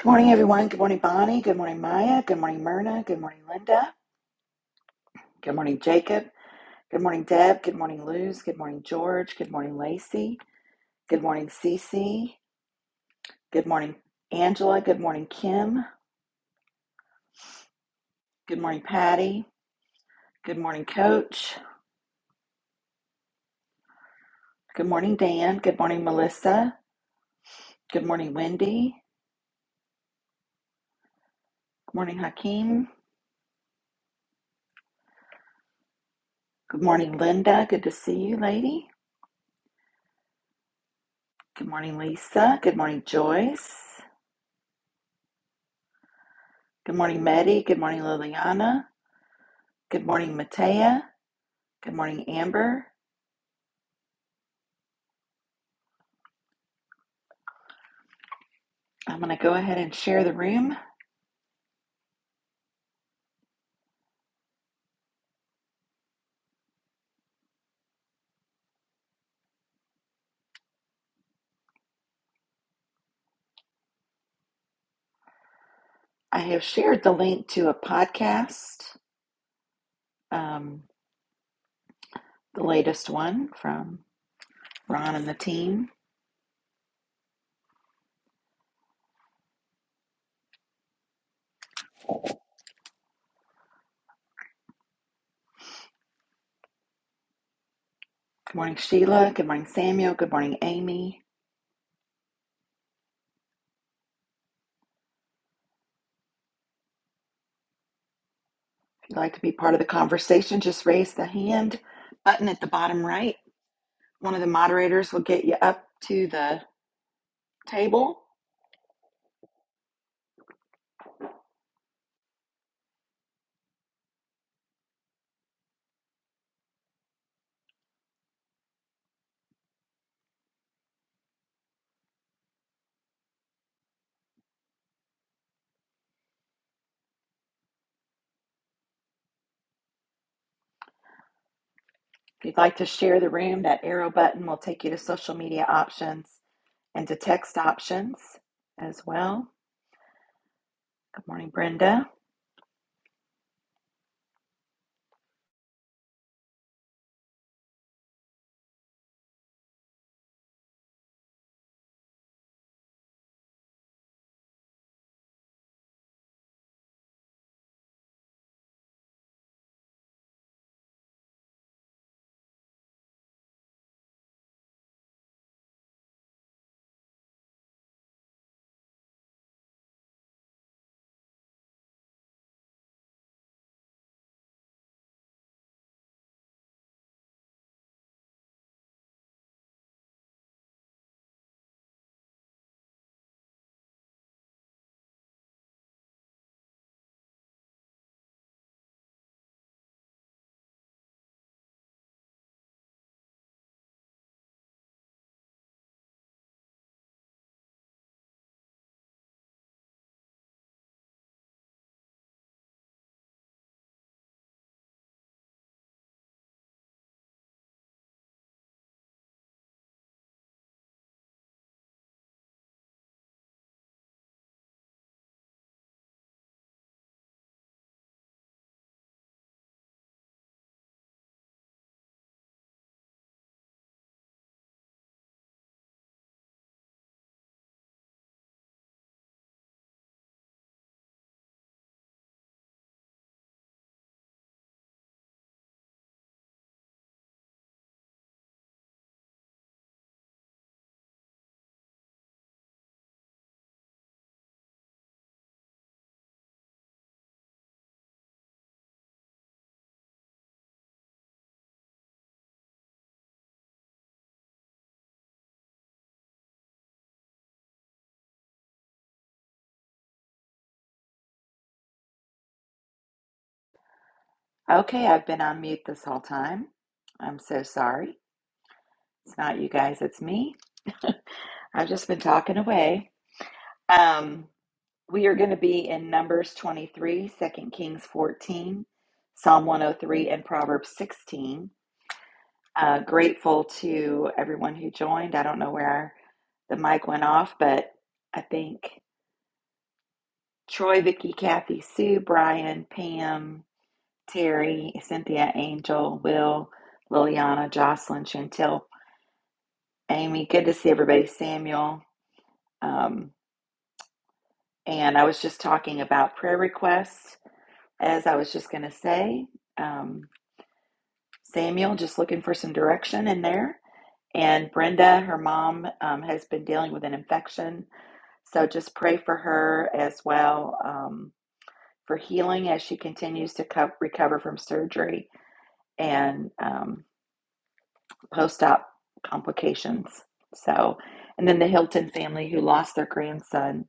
Good morning, everyone. Good morning, Bonnie. Good morning, Maya. Good morning, Myrna. Good morning, Linda. Good morning, Jacob. Good morning, Deb. Good morning, Luz. Good morning, George. Good morning, Lacey. Good morning, Cece. Good morning, Angela. Good morning, Kim. Good morning, Patty. Good morning, Coach. Good morning, Dan. Good morning, Melissa. Good morning, Wendy. Good morning, Hakeem. Good morning, Linda. Good to see you, lady. Good morning, Lisa. Good morning, Joyce. Good morning, Meddy. Good morning, Liliana. Good morning, Matea. Good morning, Amber. I'm going to go ahead and share the room. I have shared the link to a podcast, um, the latest one from Ron and the team. Good morning, Sheila. Good morning, Samuel. Good morning, Amy. If you'd like to be part of the conversation, just raise the hand button at the bottom right. One of the moderators will get you up to the table. If you'd like to share the room, that arrow button will take you to social media options and to text options as well. Good morning, Brenda. Okay, I've been on mute this whole time. I'm so sorry. It's not you guys, it's me. I've just been talking away. Um, we are going to be in Numbers 23, Second Kings 14, Psalm 103, and Proverbs 16. Uh, grateful to everyone who joined. I don't know where the mic went off, but I think. Troy, Vicky, Kathy, Sue, Brian, Pam, Terry, Cynthia, Angel, Will, Liliana, Jocelyn, Chantel, Amy. Good to see everybody. Samuel. Um, and I was just talking about prayer requests, as I was just going to say. Um, Samuel, just looking for some direction in there. And Brenda, her mom, um, has been dealing with an infection. So just pray for her as well um, for healing as she continues to co- recover from surgery and um, post-op complications. So, and then the Hilton family who lost their grandson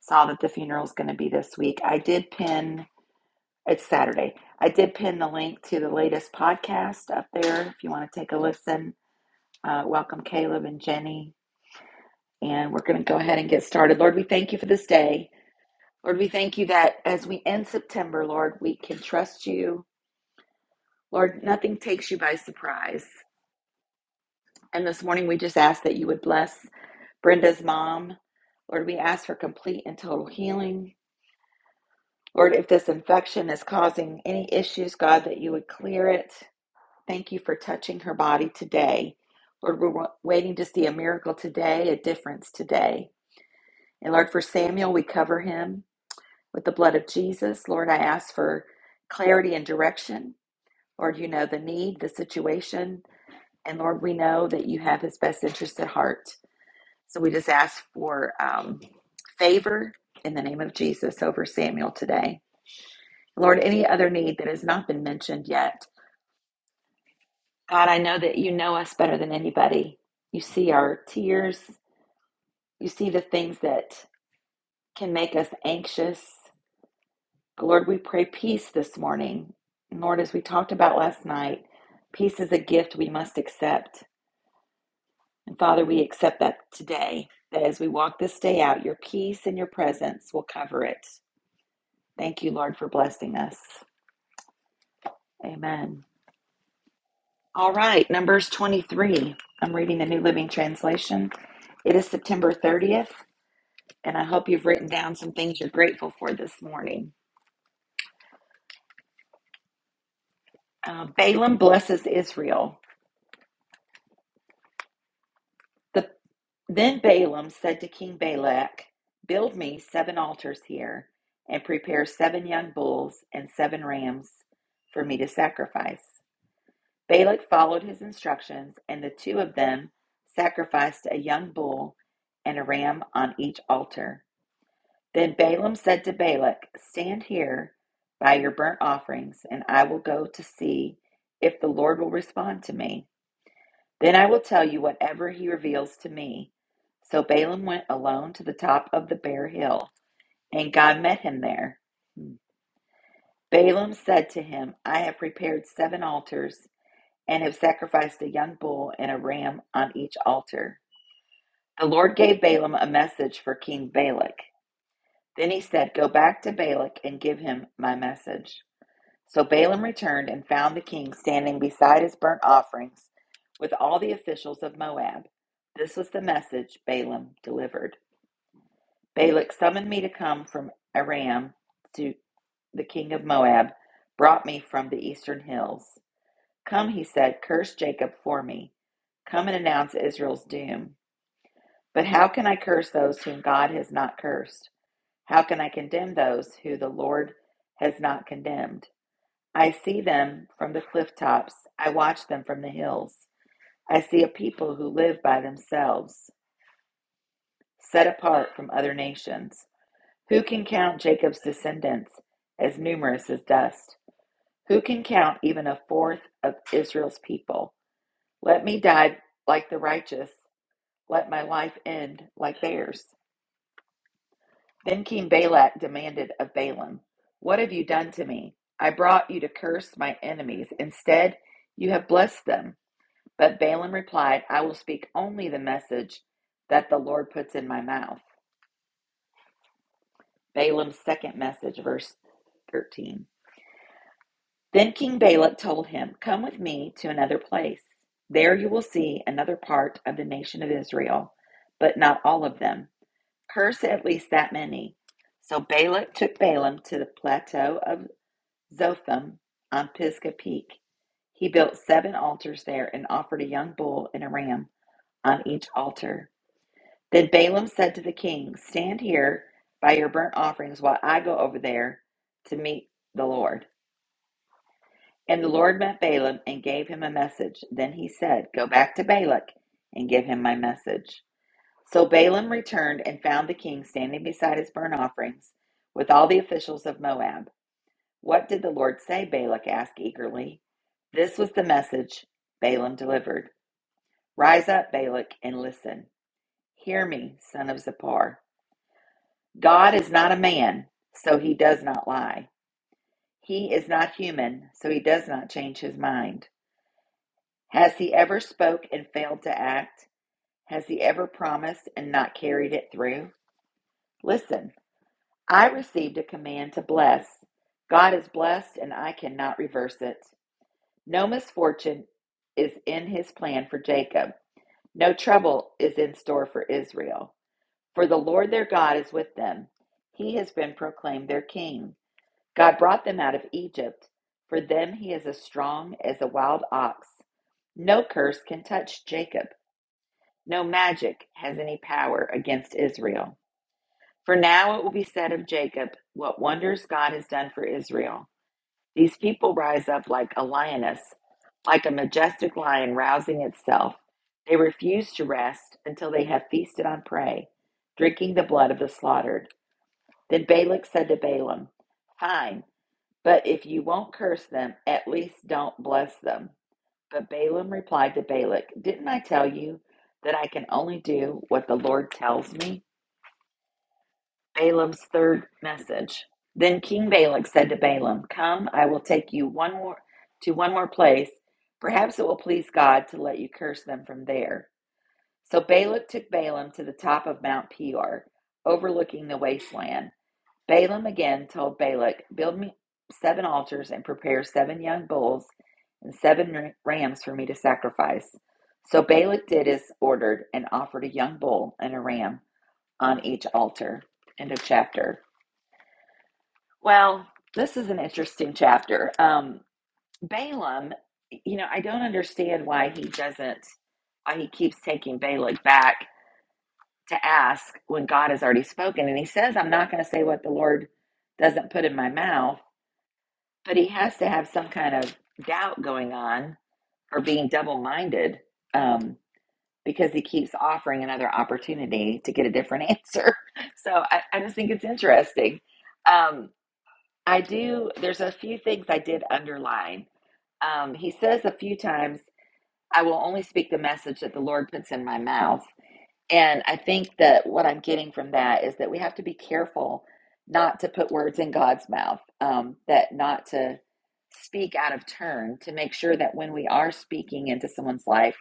saw that the funeral is going to be this week. I did pin it's Saturday. I did pin the link to the latest podcast up there if you want to take a listen. Uh, welcome, Caleb and Jenny. And we're going to go ahead and get started. Lord, we thank you for this day. Lord, we thank you that as we end September, Lord, we can trust you. Lord, nothing takes you by surprise. And this morning, we just ask that you would bless Brenda's mom. Lord, we ask for complete and total healing. Lord, if this infection is causing any issues, God, that you would clear it. Thank you for touching her body today. Lord, we're waiting to see a miracle today, a difference today. And Lord, for Samuel, we cover him with the blood of Jesus. Lord, I ask for clarity and direction. Lord, you know the need, the situation. And Lord, we know that you have his best interest at heart. So we just ask for um, favor in the name of Jesus over Samuel today. Lord, any other need that has not been mentioned yet, God, I know that you know us better than anybody. You see our tears, you see the things that can make us anxious. But Lord, we pray peace this morning. And Lord, as we talked about last night, peace is a gift we must accept. And Father, we accept that today, that as we walk this day out, your peace and your presence will cover it. Thank you, Lord, for blessing us. Amen. All right, Numbers 23. I'm reading the New Living Translation. It is September 30th, and I hope you've written down some things you're grateful for this morning. Uh, Balaam blesses Israel. The, then Balaam said to King Balak, Build me seven altars here, and prepare seven young bulls and seven rams for me to sacrifice. Balak followed his instructions, and the two of them sacrificed a young bull and a ram on each altar. Then Balaam said to Balak, Stand here by your burnt offerings, and I will go to see if the Lord will respond to me. Then I will tell you whatever he reveals to me. So Balaam went alone to the top of the bare hill, and God met him there. Balaam said to him, I have prepared seven altars and have sacrificed a young bull and a ram on each altar. The Lord gave Balaam a message for King Balak. Then he said, Go back to Balak and give him my message. So Balaam returned and found the king standing beside his burnt offerings with all the officials of Moab. This was the message Balaam delivered. Balak summoned me to come from Aram to the king of Moab, brought me from the eastern hills. Come, he said, curse Jacob for me. Come and announce Israel's doom. But how can I curse those whom God has not cursed? How can I condemn those who the Lord has not condemned? I see them from the cliff tops. I watch them from the hills. I see a people who live by themselves, set apart from other nations. Who can count Jacob's descendants as numerous as dust? Who can count even a fourth of Israel's people? Let me die like the righteous Let my life end like theirs. Then King Balak demanded of Balaam, What have you done to me? I brought you to curse my enemies. Instead, you have blessed them. But Balaam replied, I will speak only the message that the Lord puts in my mouth. Balaam's second message, verse 13. Then King Balak told him, Come with me to another place. There you will see another part of the nation of Israel, but not all of them. curse at least that many. So Balak took Balaam to the plateau of Zophim on Pisgah Peak. He built seven altars there and offered a young bull and a ram on each altar. Then Balaam said to the king, Stand here by your burnt offerings while I go over there to meet the Lord. And the Lord met Balaam and gave him a message. Then he said, Go back to Balak and give him my message. So Balaam returned and found the king standing beside his burnt offerings with all the officials of Moab. What did the Lord say? Balak asked eagerly. This was the message Balaam delivered Rise up, Balak, and listen. Hear me, son of Zippor. God is not a man, so he does not lie. He is not human, so he does not change his mind. Has he ever spoke and failed to act? Has he ever promised and not carried it through? Listen. I received a command to bless. God is blessed, and I cannot reverse it. No misfortune is in his plan for Jacob, no trouble is in store for Israel. For the Lord their God is with them. He has been proclaimed their king. God brought them out of Egypt. For them he is as strong as a wild ox. No curse can touch Jacob. No magic has any power against Israel. For now it will be said of Jacob, what wonders God has done for Israel. These people rise up like a lioness, like a majestic lion rousing itself. They refuse to rest until they have feasted on prey, drinking the blood of the slaughtered. Then Balak said to Balaam, Fine, but if you won't curse them, at least don't bless them. But Balaam replied to Balak, Didn't I tell you that I can only do what the Lord tells me? Balaam's third message. Then King Balak said to Balaam, Come, I will take you one more to one more place. Perhaps it will please God to let you curse them from there. So Balak took Balaam to the top of Mount Peor, overlooking the wasteland. Balaam again told Balak, Build me seven altars and prepare seven young bulls and seven rams for me to sacrifice. So Balak did as ordered and offered a young bull and a ram on each altar. End of chapter. Well, this is an interesting chapter. Um, Balaam, you know, I don't understand why he doesn't, why he keeps taking Balak back to ask when God has already spoken. And he says, I'm not going to say what the Lord doesn't put in my mouth, but he has to have some kind of doubt going on or being double minded um, because he keeps offering another opportunity to get a different answer. So I, I just think it's interesting. Um, I do. There's a few things I did underline. Um, he says a few times, I will only speak the message that the Lord puts in my mouth. And I think that what I'm getting from that is that we have to be careful not to put words in God's mouth, um, that not to speak out of turn, to make sure that when we are speaking into someone's life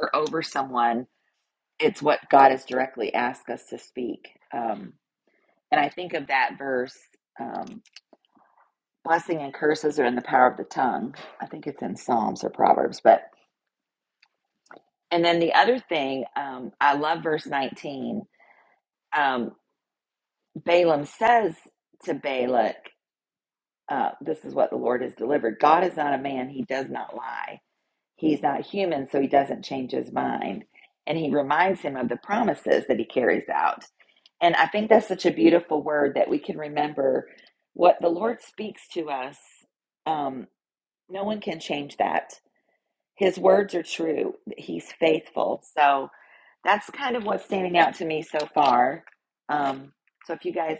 or over someone, it's what God has directly asked us to speak. Um, and I think of that verse. Um, blessing and curses are in the power of the tongue. I think it's in Psalms or Proverbs. But and then the other thing, um, I love verse 19. Um, Balaam says to Balak, uh, "This is what the Lord has delivered. God is not a man; he does not lie. He's not human, so he doesn't change his mind." And he reminds him of the promises that he carries out. And I think that's such a beautiful word that we can remember what the Lord speaks to us. Um, no one can change that His words are true. He's faithful. So that's kind of what's standing out to me so far. Um, so if you guys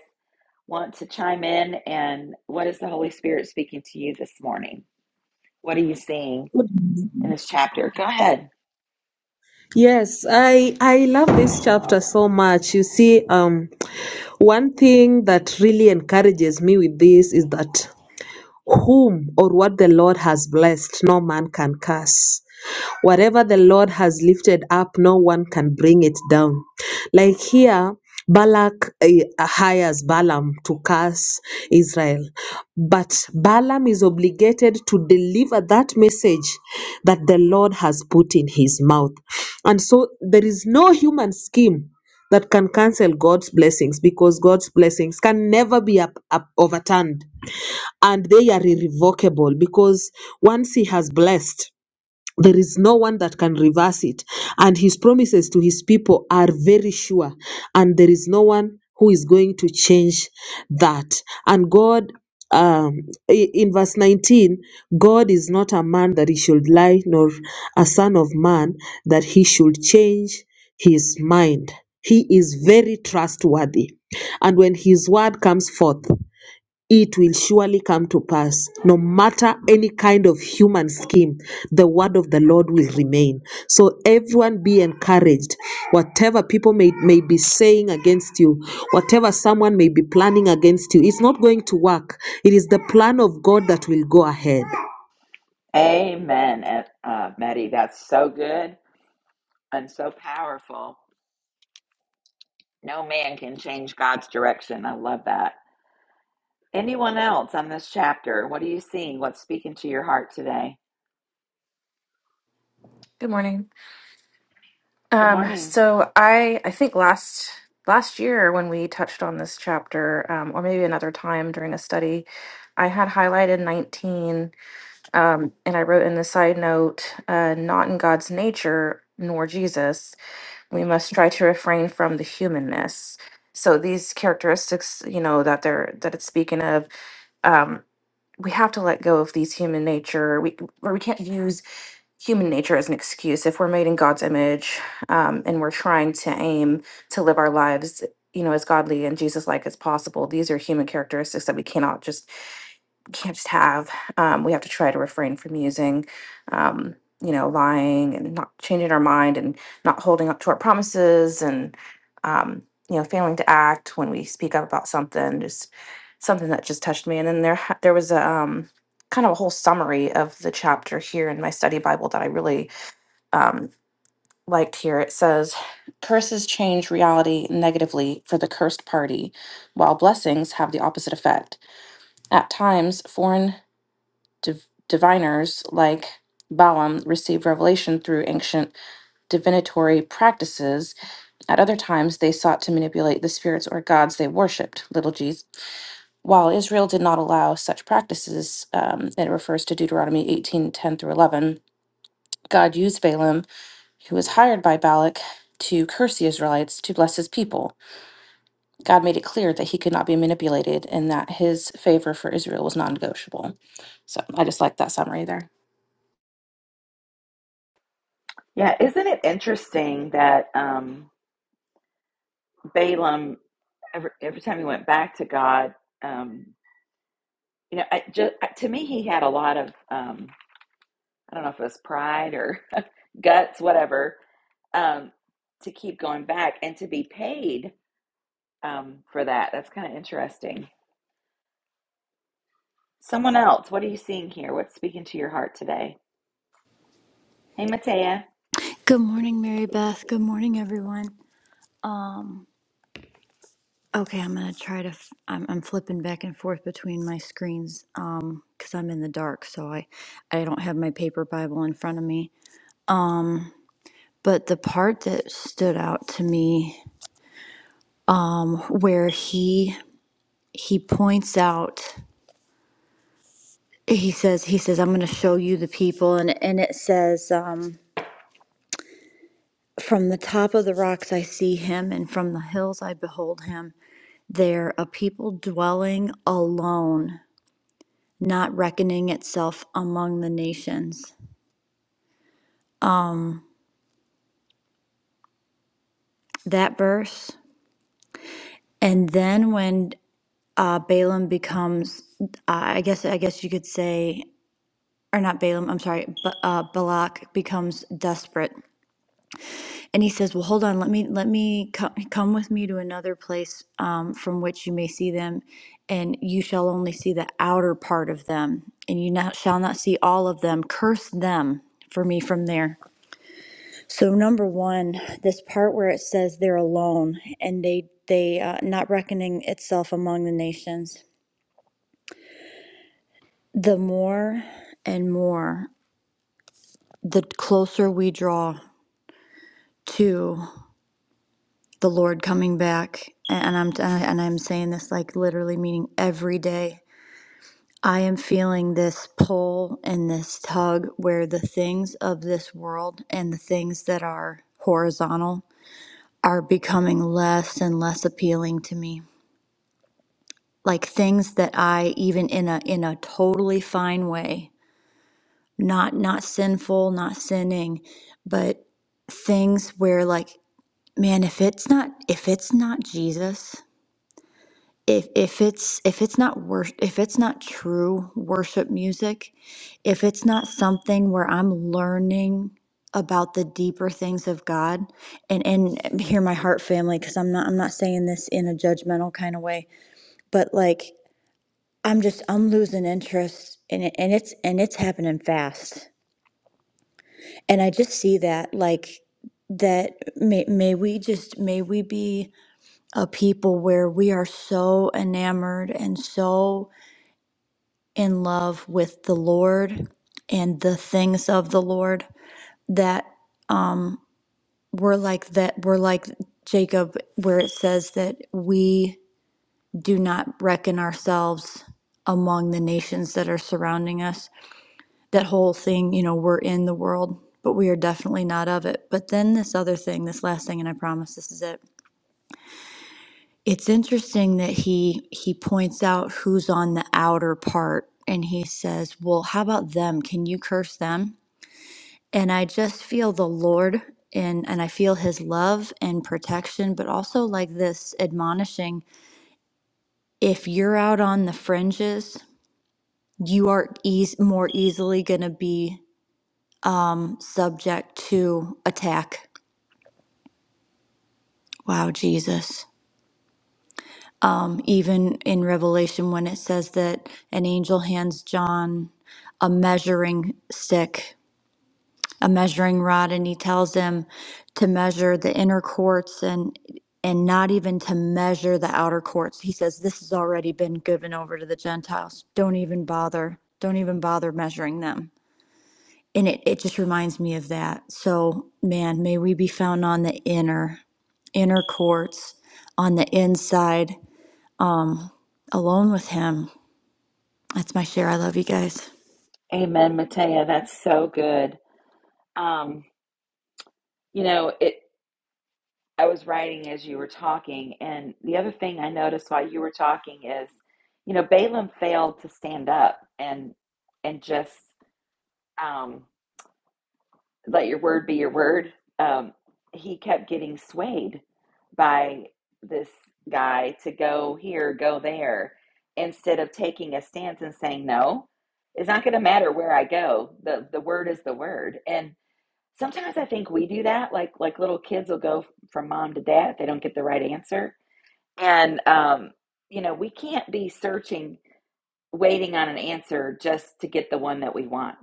want to chime in, and what is the Holy Spirit speaking to you this morning? What are you seeing in this chapter? Go ahead. Yes, I I love this chapter so much. You see, um, one thing that really encourages me with this is that whom or what the Lord has blessed, no man can curse. Whatever the Lord has lifted up, no one can bring it down. Like here, Balak eh, hires Balaam to curse Israel. But Balaam is obligated to deliver that message that the Lord has put in his mouth. And so there is no human scheme that can cancel God's blessings because God's blessings can never be up, up, overturned and they are irrevocable because once he has blessed there is no one that can reverse it and his promises to his people are very sure and there is no one who is going to change that and god um, i- in verse 19 god is not a man that he should lie nor a son of man that he should change his mind he is very trustworthy and when his word comes forth it will surely come to pass. No matter any kind of human scheme, the word of the Lord will remain. So everyone be encouraged. Whatever people may, may be saying against you, whatever someone may be planning against you, it's not going to work. It is the plan of God that will go ahead. Amen, uh, Maddie. That's so good and so powerful. No man can change God's direction. I love that. Anyone else on this chapter? What are you seeing? What's speaking to your heart today? Good morning. Good Um, morning. so I I think last last year when we touched on this chapter, um, or maybe another time during a study, I had highlighted 19, um, and I wrote in the side note, uh, not in God's nature nor Jesus. We must try to refrain from the humanness. So these characteristics, you know, that they're that it's speaking of. Um, we have to let go of these human nature. We or we can't use human nature as an excuse if we're made in God's image um, and we're trying to aim to live our lives, you know, as godly and Jesus-like as possible. These are human characteristics that we cannot just can't just have. Um, we have to try to refrain from using. Um, you know, lying and not changing our mind and not holding up to our promises and, um, you know, failing to act when we speak up about something. Just something that just touched me. And then there ha- there was a um, kind of a whole summary of the chapter here in my study Bible that I really um, liked. Here it says, "Curses change reality negatively for the cursed party, while blessings have the opposite effect. At times, foreign div- diviners like Balaam received revelation through ancient." divinatory practices. At other times, they sought to manipulate the spirits or gods they worshipped, little g while Israel did not allow such practices, um, it refers to Deuteronomy 18 10 through 11. God used Balaam, who was hired by Balak, to curse the Israelites to bless his people. God made it clear that he could not be manipulated and that his favor for Israel was non negotiable. So I just like that summary there. Yeah, isn't it interesting that um, Balaam, every, every time he went back to God, um, you know, I just, to me, he had a lot of, um, I don't know if it was pride or guts, whatever, um, to keep going back and to be paid um, for that. That's kind of interesting. Someone else, what are you seeing here? What's speaking to your heart today? Hey, Matea. Good morning, Mary Beth. Good morning, everyone. Okay, I'm gonna try to. F- I'm, I'm flipping back and forth between my screens um, because I'm in the dark, so I, I don't have my paper Bible in front of me. But the part that stood out to me, where he he points out, he says, he says, I'm gonna show you the people, and and it says, um, from the top of the rocks I see him, and from the hills I behold him. They're a people dwelling alone not reckoning itself among the nations. That verse, and then when uh, Balaam becomes, uh, I guess, I guess you could say, or not Balaam. I'm sorry, but uh, Balak becomes desperate, and he says, "Well, hold on. Let me, let me co- come with me to another place um, from which you may see them, and you shall only see the outer part of them, and you not, shall not see all of them. Curse them for me from there." So number one, this part where it says they're alone and they they uh, not reckoning itself among the nations. The more and more, the closer we draw to the Lord coming back, and I'm and I'm saying this like literally meaning every day. I am feeling this pull and this tug where the things of this world and the things that are horizontal are becoming less and less appealing to me like things that I even in a in a totally fine way, not not sinful, not sinning, but things where like man, if it's not if it's not Jesus, if if it's if it's not wor- if it's not true worship music, if it's not something where I'm learning about the deeper things of God and and hear my heart family because I'm not I'm not saying this in a judgmental kind of way, but like I'm just I'm losing interest in it and it's and it's happening fast. And I just see that like that may may we just may we be a people where we are so enamored and so in love with the Lord and the things of the Lord that um, we're like that we're like Jacob where it says that we do not reckon ourselves among the nations that are surrounding us that whole thing, you know, we're in the world, but we are definitely not of it. But then this other thing, this last thing, and I promise this is it. It's interesting that he he points out who's on the outer part and he says, "Well, how about them? Can you curse them?" And I just feel the Lord and and I feel his love and protection, but also like this admonishing, if you're out on the fringes, you are eas- more easily going to be subject to attack Wow, Jesus. Um, even in Revelation, when it says that an angel hands John a measuring stick, a measuring rod, and he tells him to measure the inner courts and and not even to measure the outer courts. He says this has already been given over to the Gentiles. Don't even bother. Don't even bother measuring them. And it, it just reminds me of that. So, man, may we be found on the inner, inner courts, on the inside um, alone with Him. That's my share. I love you guys. Amen, Matea. That's so good. Um, you know, it. I was writing as you were talking. And the other thing I noticed while you were talking is, you know, Balaam failed to stand up and and just um, let your word be your word. Um, he kept getting swayed by this guy to go here, go there, instead of taking a stance and saying, no, it's not going to matter where I go. The, the word is the word. And sometimes I think we do that. Like, like little kids will go from mom to dad if they don't get the right answer and, um, you know, we can't be searching, waiting on an answer just to get the one that we want.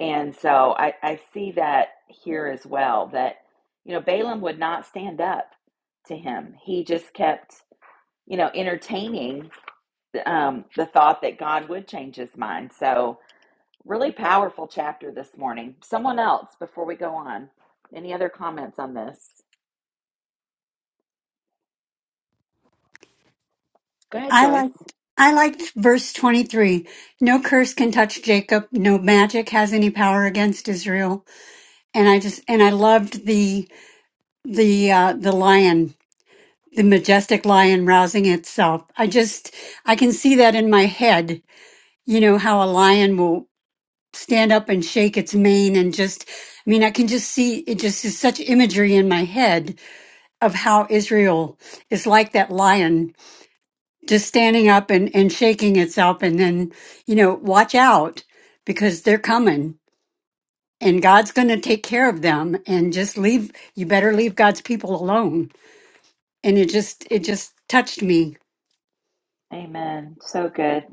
And so I, I see that here as well that, you know, Balaam would not stand up to him. He just kept, you know, entertaining um, the thought that God would change his mind. So, really powerful chapter this morning. Someone else before we go on. Any other comments on this? Go ahead, I Joyce. like I liked verse 23. No curse can touch Jacob, no magic has any power against Israel. And I just and I loved the the uh the lion, the majestic lion rousing itself. I just I can see that in my head, you know, how a lion will stand up and shake its mane and just I mean, I can just see it just is such imagery in my head of how Israel is like that lion just standing up and, and shaking itself and then you know watch out because they're coming and god's going to take care of them and just leave you better leave god's people alone and it just it just touched me Amen. So good.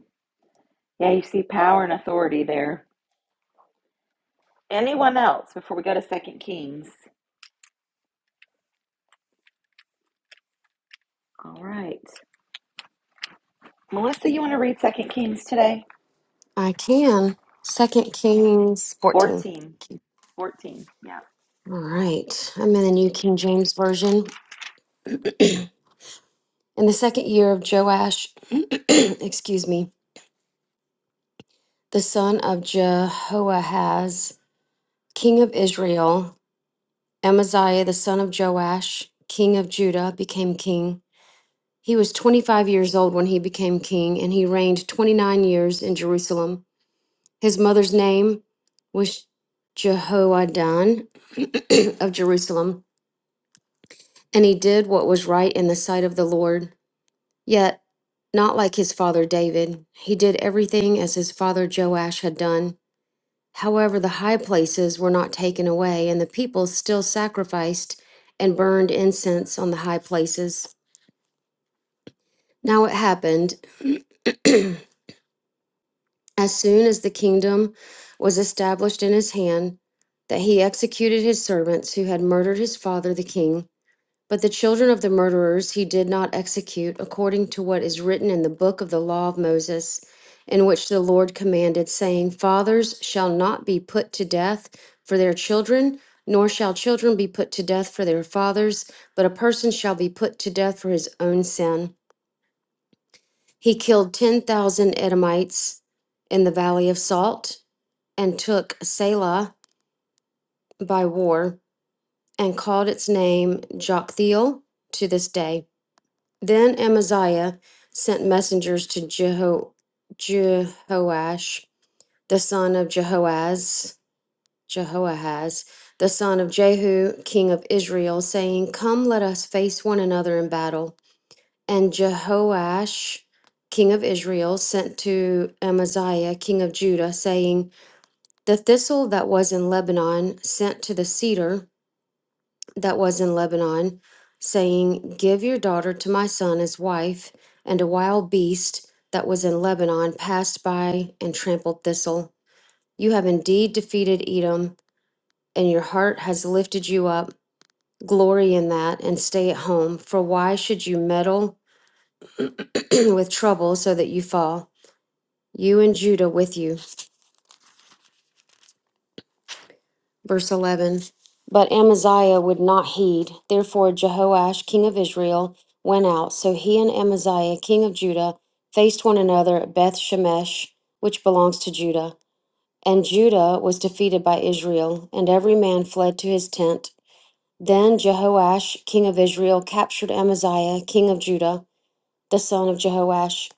Yeah, you see power and authority there. Anyone else before we go to Second Kings? All right. Melissa, you want to read Second Kings today? I can. Second Kings 14. 14. 14. Yeah. All right. I'm in the New King James Version. In the second year of Joash, excuse me, the son of Jehoahaz, king of Israel, Amaziah, the son of Joash, king of Judah, became king. He was 25 years old when he became king, and he reigned 29 years in Jerusalem. His mother's name was Jehoadan of Jerusalem. and he did what was right in the sight of the Lord. Yet, not like his father David, he did everything as his father Joash had done. However, the high places were not taken away, and the people still sacrificed and burned incense on the high places. Now it happened, as soon as the kingdom was established in his hand, that he executed his servants who had murdered his father the king. But the children of the murderers he did not execute according to what is written in the book of the law of Moses, in which the Lord commanded, saying, Fathers shall not be put to death for their children, nor shall children be put to death for their fathers, but a person shall be put to death for his own sin. He killed 10,000 Edomites in the valley of Salt and took Selah by war and called its name Joktheel to this day. Then Amaziah sent messengers to Jeho- Jehoash, the son of Jehoaz, Jehoahaz, the son of Jehu, king of Israel, saying, Come, let us face one another in battle. And Jehoash, king of Israel, sent to Amaziah, king of Judah, saying, The thistle that was in Lebanon sent to the cedar that was in Lebanon, saying, Give your daughter to my son as wife. And a wild beast that was in Lebanon passed by and trampled thistle. You have indeed defeated Edom, and your heart has lifted you up. Glory in that and stay at home, for why should you meddle with trouble so that you fall? You and Judah with you. Verse 11 But Amaziah would not heed. Therefore, Jehoash, king of Israel, went out. So he and Amaziah, king of Judah, faced one another at Beth Shemesh, which belongs to Judah. And Judah was defeated by Israel, and every man fled to his tent. Then Jehoash, king of Israel, captured Amaziah, king of Judah, the son of Jehoash,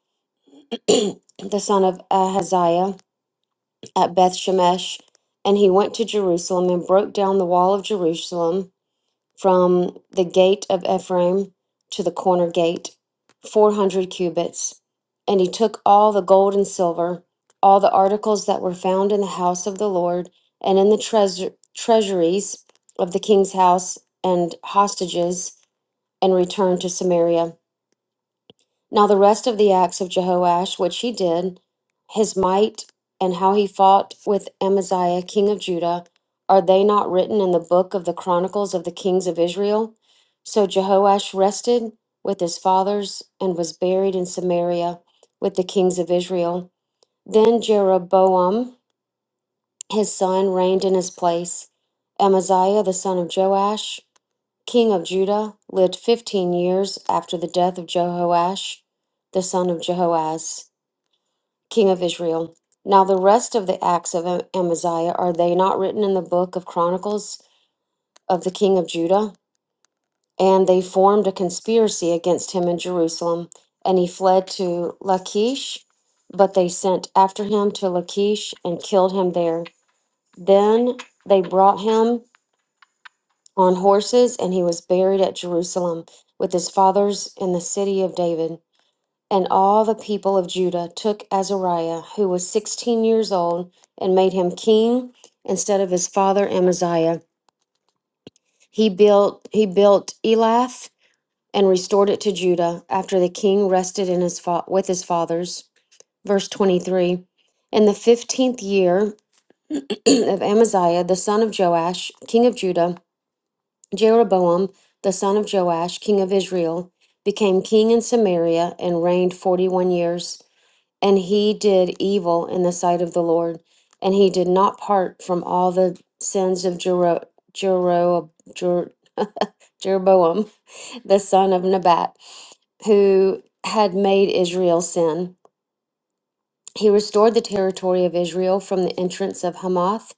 the son of Ahaziah, at Beth Shemesh. And he went to Jerusalem and broke down the wall of Jerusalem from the gate of Ephraim to the corner gate, 400 cubits. And he took all the gold and silver, all the articles that were found in the house of the Lord, and in the treasur- treasuries of the king's house, and hostages, and returned to Samaria. Now, the rest of the acts of Jehoash, which he did, his might, and how he fought with Amaziah, king of Judah, are they not written in the book of the Chronicles of the Kings of Israel? So Jehoash rested with his fathers and was buried in Samaria with the kings of Israel. Then Jeroboam, his son, reigned in his place. Amaziah, the son of Joash, king of Judah, lived fifteen years after the death of Jehoash, the son of Jehoaz, king of Israel. Now, the rest of the acts of Amaziah are they not written in the book of Chronicles of the king of Judah? And they formed a conspiracy against him in Jerusalem, and he fled to Lachish, but they sent after him to Lachish and killed him there. Then they brought him on horses, and he was buried at Jerusalem with his fathers in the city of David. And all the people of Judah took Azariah, who was sixteen years old, and made him king instead of his father Amaziah. He built he built Elath and restored it to Judah after the king rested in his fa- with his fathers. Verse twenty three. In the fifteenth year of Amaziah, the son of Joash, king of Judah, Jeroboam, the son of Joash, king of Israel, became king in Samaria and reigned 41 years. And he did evil in the sight of the Lord, and he did not part from all the sins of Jero- Jero- Jer- Jeroboam, the son of Nebat, who had made Israel sin. He restored the territory of Israel from the entrance of Hamath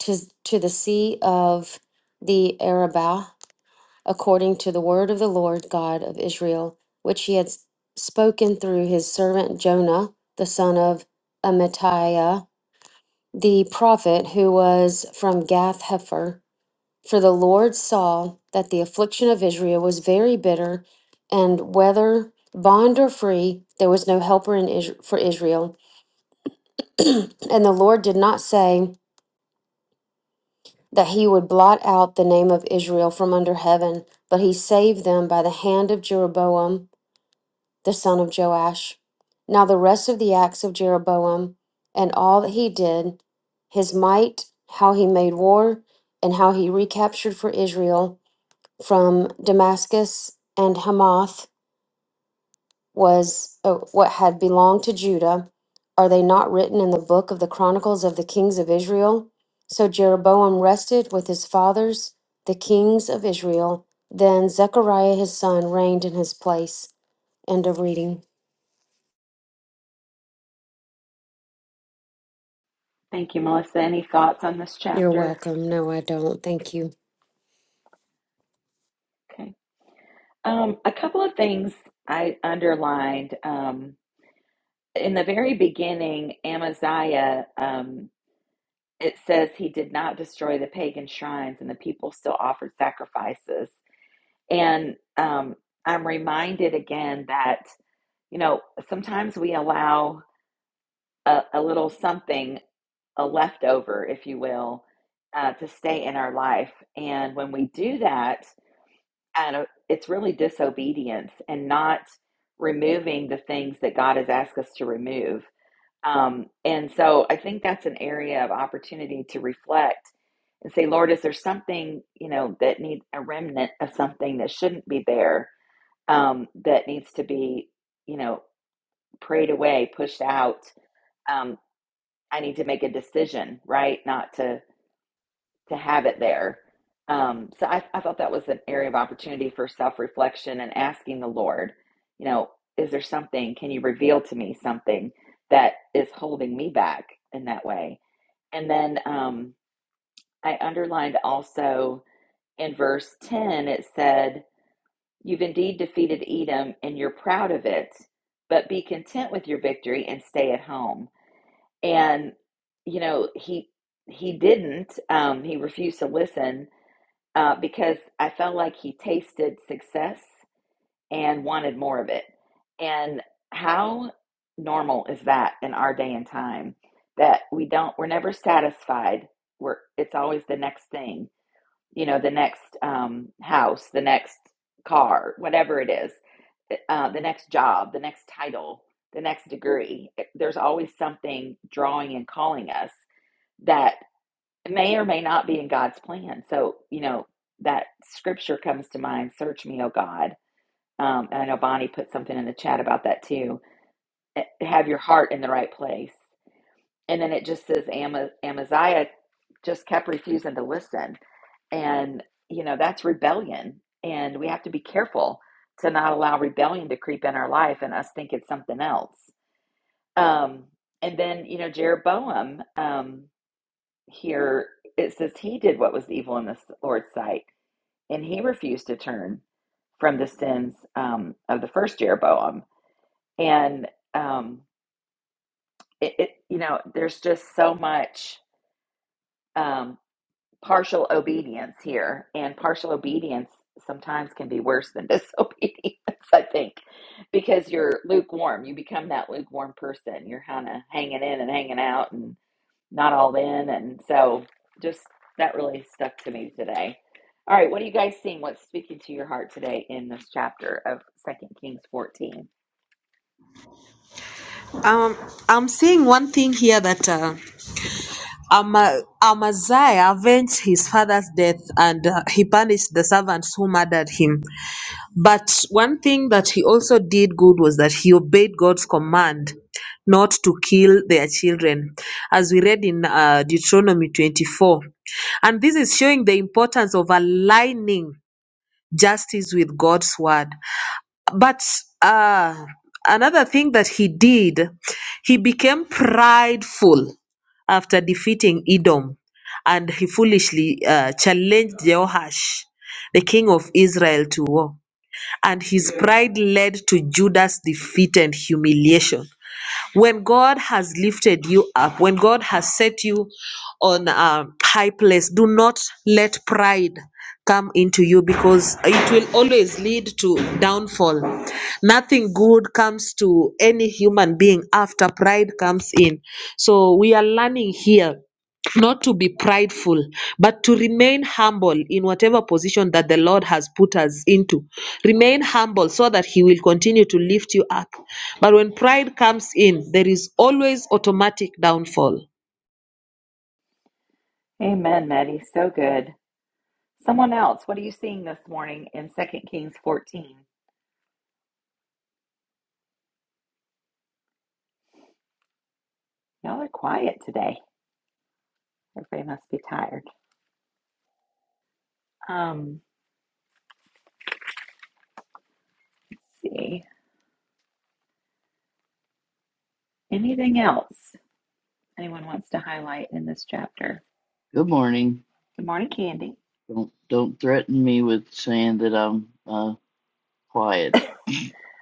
to, to the sea of the Arabah according to the word of the Lord God of Israel, which he had spoken through his servant Jonah, the son of Amittai, the prophet who was from Gath Hepher. For the Lord saw that the affliction of Israel was very bitter, and whether bond or free, there was no helper in Is- for Israel. And the Lord did not say that he would blot out the name of Israel from under heaven, but he saved them by the hand of Jeroboam the son of Joash. Now, the rest of the acts of Jeroboam and all that he did, his might, how he made war, and how he recaptured for Israel from Damascus and Hamath, was uh, what had belonged to Judah. Are they not written in the book of the Chronicles of the Kings of Israel? So Jeroboam rested with his fathers, the kings of Israel. Then Zechariah his son reigned in his place. End of reading. Thank you, Melissa. Any thoughts on this You're chapter? welcome. No, I don't. Thank you. Okay. Um, a couple of things I underlined. Um, in the very beginning, Amaziah, um, it says he did not destroy the pagan shrines and the people still offered sacrifices. And um, I'm reminded again that, you know, sometimes we allow a, a little something, a leftover, if you will, uh, to stay in our life. And when we do that, and uh, it's really disobedience and not removing the things that God has asked us to remove. Um, and so I think that's an area of opportunity to reflect and say, Lord, is there something, you know, that needs a remnant of something that shouldn't be there, um, that needs to be, you know, prayed away, pushed out? um, I need to make a decision, right? Not to to have it there. Um, so I, I thought that was an area of opportunity for self reflection and asking the Lord, you know, is there something? Can you reveal to me something that is holding me back in that way? And then um, I underlined also in verse ten, it said, "You've indeed defeated Edom, and you're proud of it, but be content with your victory and stay at home." and you know he he didn't um he refused to listen uh because i felt like he tasted success and wanted more of it and how normal is that in our day and time that we don't we're never satisfied we're it's always the next thing you know, the next um, house, the next car, whatever it is, uh, the next job, the next title, the next degree. eh, There's always something drawing and calling us that may or may not be in God's plan. So, you know, that scripture comes to mind Search me, O God. Um, and I know Bonnie put something in the chat about that too. Eh, Have your heart in the right place. And then it just says Ama- Amaziah just kept refusing to listen and, you know, that's rebellion. And we have to be careful to not allow rebellion to creep in our life and us think it's something else. Um, and then, you know, Jeroboam um, here, it says he did what was evil in the Lord's sight, and he refused to turn from the sins um, of the first Jeroboam. And, um, it, it, you know, there's just so much. um, partial obedience here, and partial obedience sometimes can be worse than disobedience, I think, because you're lukewarm. You become that lukewarm person. You're kind of hanging in and hanging out and not all in. And so just that really stuck to me today. All right, what are you guys seeing? What's speaking to your heart today in this chapter of Second Kings 14? Um, I'm seeing one thing here that uh, Ama- Amaziah avenged his father's death and uh, he punished the servants who murdered him. But one thing that he also did good was that he obeyed God's command not to kill their children, as we read in uh, Deuteronomy 24. And this is showing the importance of aligning justice with God's word. But uh, another thing that he did, he became prideful after defeating Edom, and he foolishly uh, challenged Jehoash, the king of Israel, to war. And his pride led to Judah's defeat and humiliation. When God has lifted you up, when God has set you on a high place, do not let pride come into you because it will always lead to downfall. Nothing good comes to any human being after pride comes in. So we are learning here not to be prideful, but to remain humble in whatever position that the Lord has put us into. Remain humble so that He will continue to lift you up. But when pride comes in, there is always automatic downfall. Amen, Maddie. So good. Someone else, what are you seeing this morning in Second Kings 14? Y'all are quiet today. Everybody must be tired. Um, let's see. Anything else anyone wants to highlight in this chapter? Good morning. Good morning, Candy. Don't don't threaten me with saying that I'm uh quiet.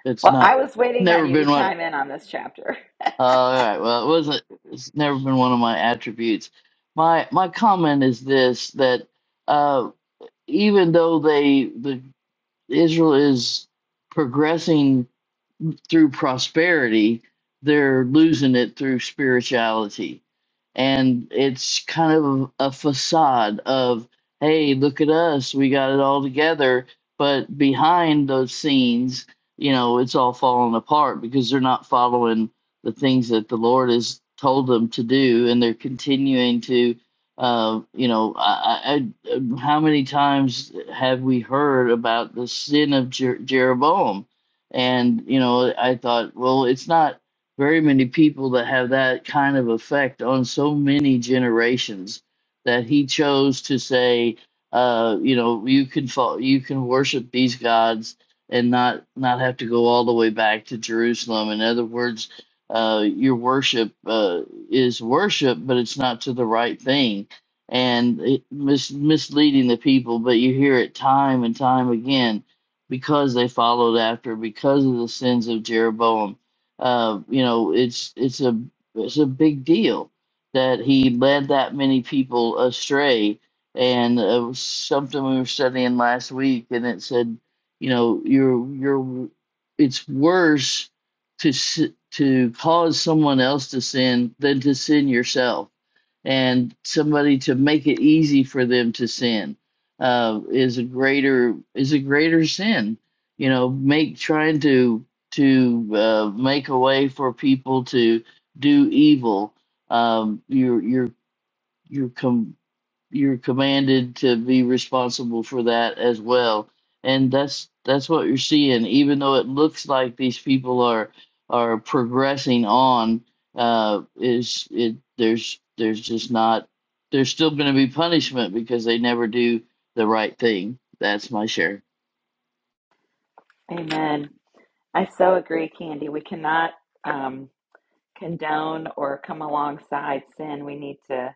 It's Well, not I was waiting on never you to been one. chime in on this chapter. all right. Well, it wasn't. It's never been one of my attributes. My my comment is this: that uh, even though they the Israel is progressing through prosperity, they're losing it through spirituality. And it's kind of a facade of, hey, look at us, we got it all together. But behind those scenes, you know, it's all falling apart because they're not following the things that the Lord has told them to do. And they're continuing to, uh, you know, I, I, I- how many times have we heard about the sin of Jer- Jeroboam? And, you know, I thought, well, it's not very many people that have that kind of effect on so many generations that he chose to say, uh, you know, you can fall, you can worship these gods and not not have to go all the way back to Jerusalem. In other words, uh, your worship uh, is worship, but it's not to the right thing, and it mis- misleading the people. But you hear it time and time again because they followed after because of the sins of Jeroboam. Uh, you know, it's it's a it's a big deal that he led that many people astray, and uh, it was something we were studying last week, and it said, you know, you're you're it's worse to s- to cause someone else to sin than to sin yourself and somebody to make it easy for them to sin uh, is a greater is a greater sin. You know, make trying to to uh, make a way for people to do evil. Um, you're you're you're com- you're commanded to be responsible for that as well and that's that's what you're seeing even though it looks like these people are are progressing on uh is it there's there's just not there's still going to be punishment because they never do the right thing that's my share Amen. I so agree, Candy. We cannot um, condone or come alongside sin. We need to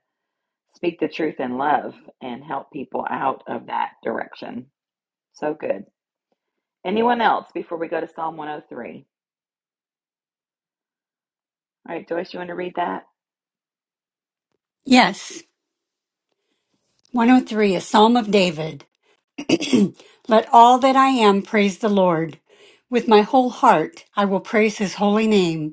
speak the truth in love and help people out of that direction. So good. Anyone else before we go to Psalm 103? All right, Joyce, you want to read that? yes 103 a psalm of david let all that i am praise the lord with my whole heart i will praise his holy name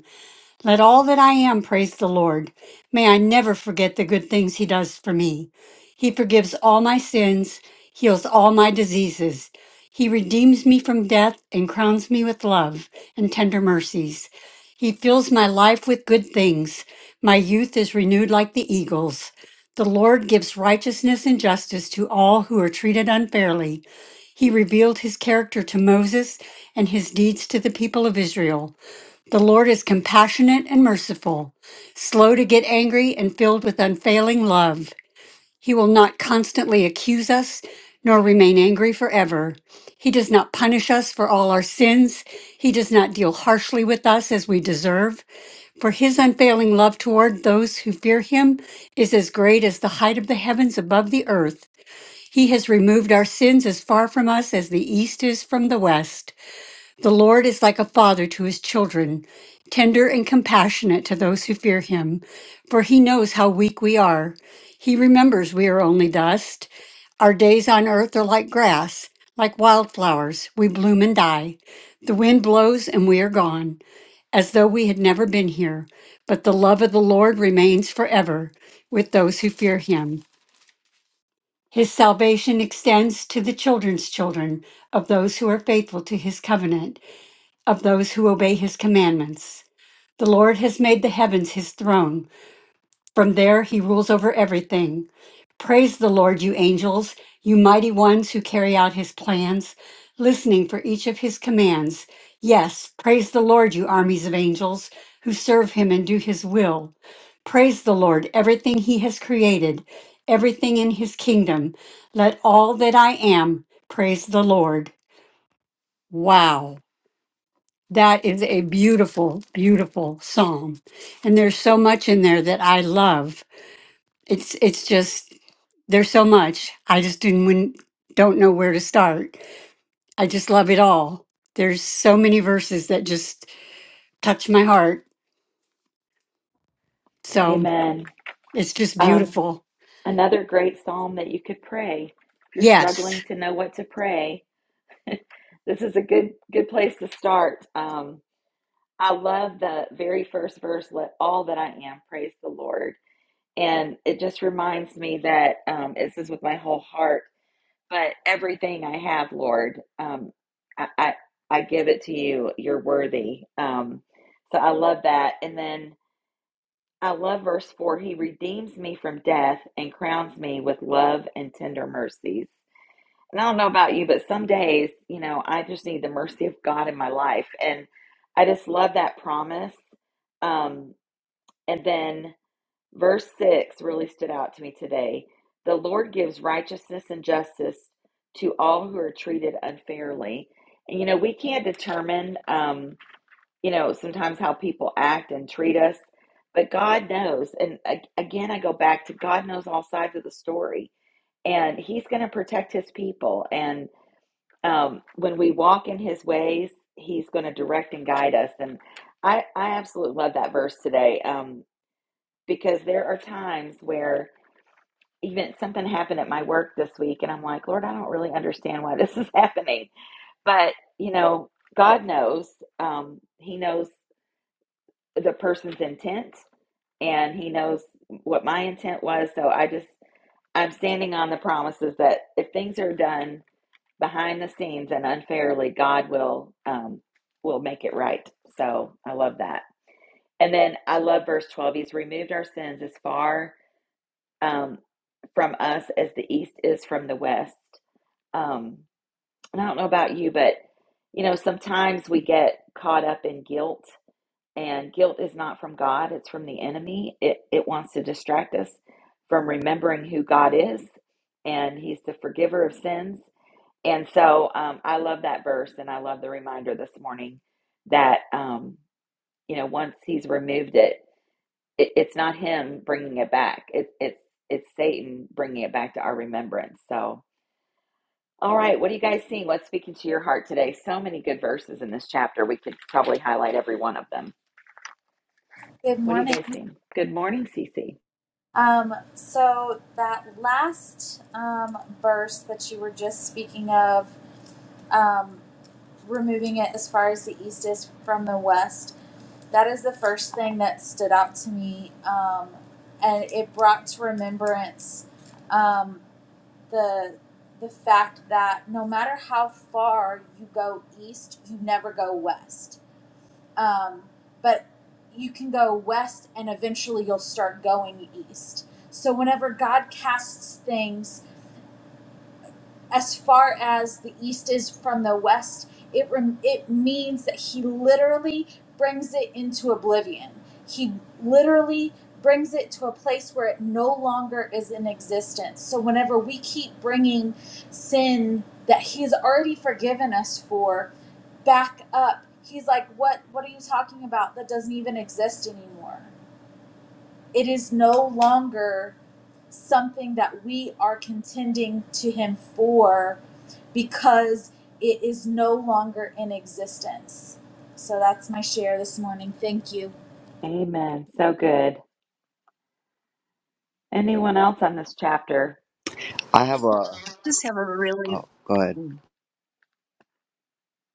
Let all that I am praise the Lord. May I never forget the good things He does for me. He forgives all my sins, heals all my diseases. He redeems me from death and crowns me with love and tender mercies. He fills my life with good things. My youth is renewed like the eagles. The Lord gives righteousness and justice to all who are treated unfairly. He revealed his character to Moses and his deeds to the people of Israel. The Lord is compassionate and merciful, slow to get angry, and filled with unfailing love. He will not constantly accuse us, nor remain angry forever. He does not punish us for all our sins. He does not deal harshly with us as we deserve. For his unfailing love toward those who fear him is as great as the height of the heavens above the earth. He has removed our sins as far from us as the east is from the west. The Lord is like a father to his children, tender and compassionate to those who fear him, for he knows how weak we are. He remembers we are only dust. Our days on earth are like grass, like wildflowers. We bloom and die. The wind blows and we are gone, as though we had never been here. But the love of the Lord remains forever with those who fear him. His salvation extends to the children's children of those who are faithful to his covenant of those who obey his commandments. The Lord has made the heavens his throne. From there he rules over everything. Praise the Lord, you angels, you mighty ones who carry out his plans, listening for each of his commands. Yes, praise the Lord, you armies of angels who serve him and do his will. Praise the Lord, everything he has created, everything in his kingdom. Let all that I am praise the Lord. Wow. That is a beautiful, beautiful psalm. And there's so much in there that I love. It's it's just there's so much. I just didn't wouldn't- don't know where to start. I just love it all. There's so many verses that just touch my heart. So Amen. it's just Um, beautiful. another great psalm that you could pray if you're Yes. struggling to know what to pray. This is a good good place to start. Um, I love the very first verse. Let all that I am praise the Lord. And it just reminds me that um, it says with my whole heart, but everything I have, Lord, um, I, I I give it to you. You're worthy. Um, so I love that. And then I love verse four. He redeems me from death and crowns me with love and tender mercies. And I don't know about you, but some days, you know, I just need the mercy of God in my life, and I just love that promise. Um, and then. Verse 6 really stood out to me today. The Lord gives righteousness and justice to all who are treated unfairly. And, you know, we can't determine, um, you know, sometimes how people act and treat us, but God knows. And a- again, I go back to God knows all sides of the story, and He's going to protect His people. And um, when we walk in His ways, He's going to direct and guide us. And I, I absolutely love that verse today um, because there are times where even something happened at my work this week and I'm like, Lord, I don't really understand why this is happening. But, you know, God knows. Um, he knows the person's intent and he knows what my intent was. So I just, I'm standing on the promises that if things are done behind the scenes and unfairly, God will, um, will make it right. So I love that. And then I love verse 12. He's removed our sins as far, um, from us as the east is from the west. Um, and I don't know about you, but you know, sometimes we get caught up in guilt, and guilt is not from God, it's from the enemy. It it wants to distract us from remembering who God is, and He's the forgiver of sins. And so um, I love that verse, and I love the reminder this morning that um, you know once He's removed it, it it's not Him bringing it back. It, it's it's Satan bringing it back to our remembrance. So all right, what are you guys seeing? What's speaking to your heart today? So many good verses in this chapter. We could probably highlight every one of them. Good What are you morning. guys seeing? Good morning, Cece. Um, so that last um, verse that you were just speaking of, um, removing it as far as the east is from the west, that is the first thing that stood out to me, um, and it brought to remembrance um, the the fact that no matter how far you go east, you never go west um, but you can go west and eventually you'll start going east. So, whenever God casts things as far as the east is from the west, it, rem- it means that He literally brings it into oblivion. He literally brings it to a place where it no longer is in existence. So, whenever we keep bringing sin that He has already forgiven us for, back up. He's like, "What what are you talking about? That doesn't even exist anymore. It is no longer something that we are contending to him for because it is no longer in existence." So that's my share this morning. Thank you. Amen. So good. Anyone else on this chapter? I have a. just have a really Oh, go ahead. good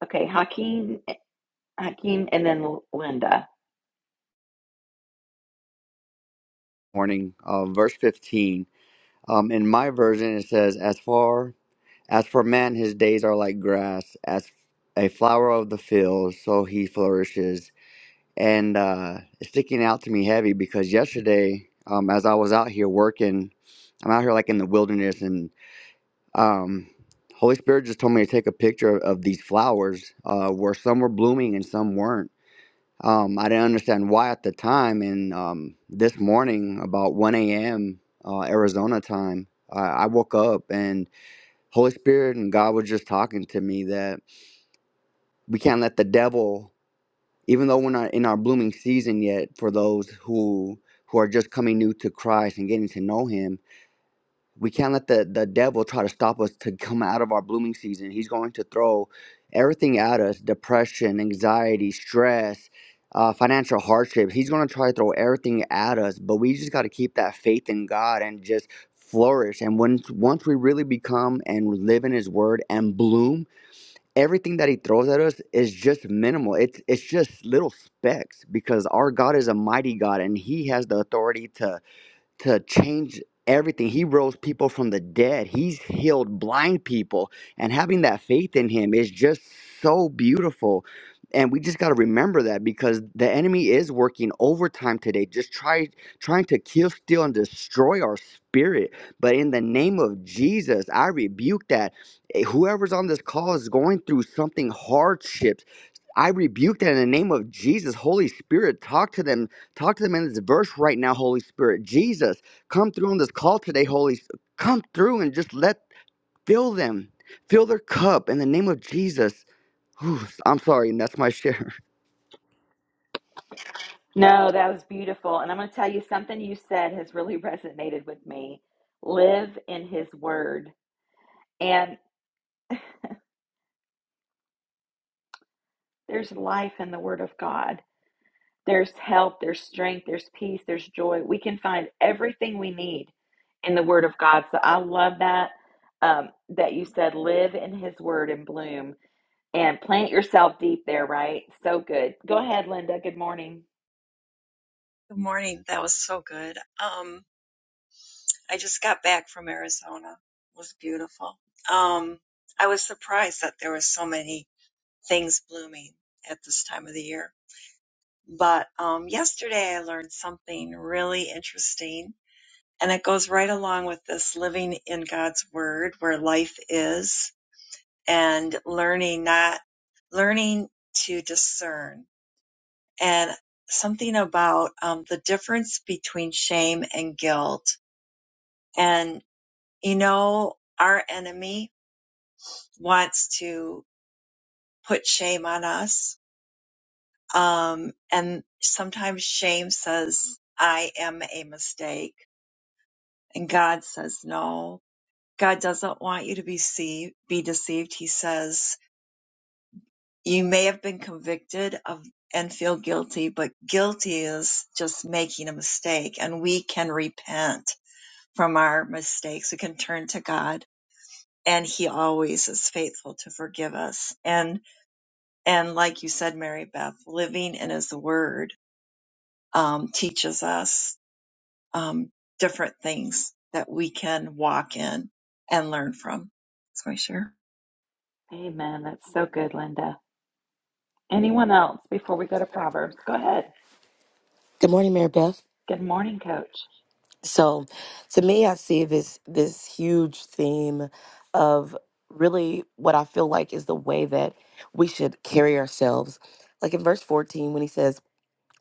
Okay, Hakeem, Hakeem, and then Linda. Morning. Uh, verse fifteen. Um, in my version, it says, "As far as for man, his days are like grass, as a flower of the field, so he flourishes." And uh, it's sticking out to me heavy because yesterday, um, as I was out here working, I'm out here like in the wilderness, and um, Holy Spirit just told me to take a picture of, of these flowers, uh, where some were blooming and some weren't Um, I didn't understand why at the time. And um, this morning, about 1 a.m. Uh, Arizona time, I, I woke up and Holy Spirit and God was just talking to me that we can't let the devil, even though we're not in our blooming season yet, for those who who are just coming new to Christ and getting to know Him we can't let the, the devil try to stop us to come out of our blooming season. He's going to throw everything at us depression, anxiety, stress, uh, financial hardship. He's going to try to throw everything at us, but we just got to keep that faith in God and just flourish. And when, once we really become and live in His Word and bloom, everything that He throws at us is just minimal. It's, it's just little specks because our God is a mighty God and He has the authority to to change everything. He rose people from the dead. He's healed blind people. And having that faith in him is just so beautiful. And we just got to remember that because the enemy is working overtime today, just try, trying to kill, steal, and destroy our spirit. But in the name of Jesus, I rebuke that. Eh, Whoever's on this call is going through something hardship I rebuke that in the name of Jesus. Holy Spirit, talk to them. Talk to them in this verse right now, Holy Spirit. Jesus, come through on this call today, Holy. S- Come through and just let fill them, fill their cup in the name of Jesus. Whew, I'm sorry, and that's my share. No, that was beautiful. And I'm going to tell you something you said has really resonated with me. Live in His Word. And there's life in the Word of God. There's help, there's strength, there's peace, there's joy. We can find everything we need in the Word of God. So I love that um, that you said, live in His Word and bloom, and plant yourself deep there. Right? So good. Go ahead, Linda. Good morning. morning. That was so good. Um, I just got back from Arizona. It was beautiful. Um, I was surprised that there were so many things blooming at this time of the year. But um, yesterday I learned something really interesting, and it goes right along with this living in God's Word, where life is, and learning not learning to discern and something about um, the difference between shame and guilt. And, you know, our enemy wants to put shame on us. Um, and sometimes shame says, I am a mistake. And God says, no, God doesn't want you to be, see- be deceived. He says, you may have been convicted of and feel guilty, but guilty is just making a mistake and we can repent from our mistakes. We can turn to God and he always is faithful to forgive us. And, and like you said, Mary Beth, living in his word, um, teaches us, um, different things that we can walk in and learn from. That's my share. Amen. That's so good, Linda. Anyone else before we go to Proverbs? Go ahead. Good morning, Mary Beth. Good morning, Coach. So, to me, I see this this huge theme of really what I feel like is the way that we should carry ourselves. Like in verse 14, when he says,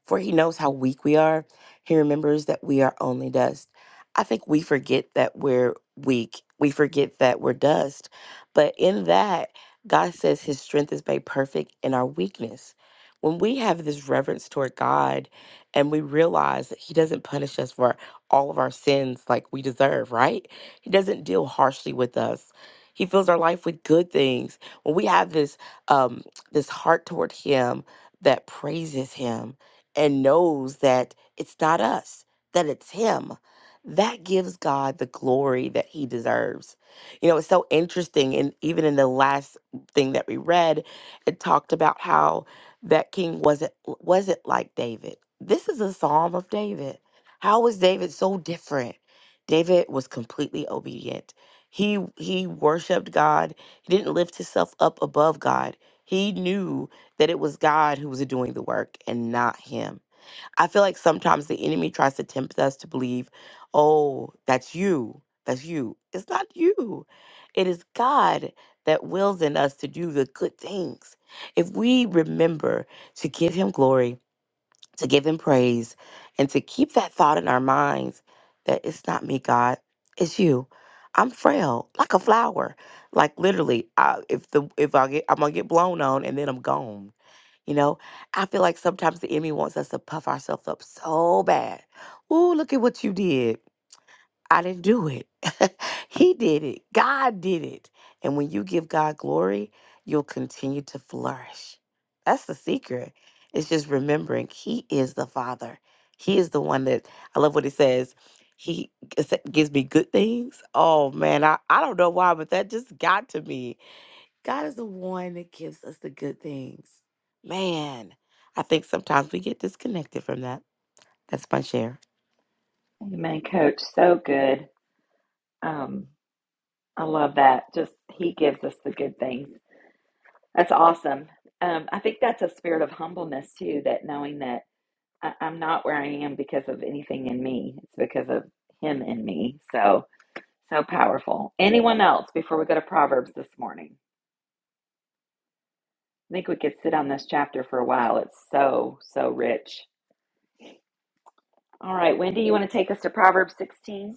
for he knows how weak we are. He remembers that we are only dust. I think we forget that we're weak. We forget that we're dust. But in that, God says his strength is made perfect in our weakness. When we have this reverence toward God and we realize that he doesn't punish us for all of our sins like we deserve, right? He doesn't deal harshly with us. He fills our life with good things. When we have this um this heart toward him that praises him, and knows that it's not us, that it's Him, that gives God the glory that He deserves. You know, it's so interesting. And even in the last thing that we read, it talked about how that king wasn't wasn't like David. This is a psalm of David. How was David so different? David was completely obedient. He he worshiped God. He didn't lift himself up above God. He knew that it was God who was doing the work and not him. I feel like sometimes the enemy tries to tempt us to believe, oh, that's you. That's you. It's not you. It is God that wills in us to do the good things. If we remember to give him glory, to give him praise, and to keep that thought in our minds that it's not me, God, it's you. I'm frail, like a flower. Like literally, I, if the if I get, I'm gonna get blown on, and then I'm gone you know, I feel like sometimes the enemy wants us to puff ourselves up so bad. Ooh, look at what you did. I didn't do it. he did it. God did it. And when you give God glory, you'll continue to flourish. That's the secret. It's just remembering He is the Father. He is the one that I love what He says. He gives me good things. Oh man, I, I don't know why, but that just got to me God is the one that gives us the good things. Man, I think sometimes we get disconnected from that. That's my share. Amen, Coach. So good. Um, I love that. Just He gives us the good things That's awesome. Um, I think that's a spirit of humbleness too, that knowing that I, I'm not where I am because of anything in me. It's because of him in me. So, so powerful. Anyone else before we go to Proverbs this morning? I think we could sit on this chapter for a while. It's so, so rich. All right, Wendy, you want to take us to Proverbs 16?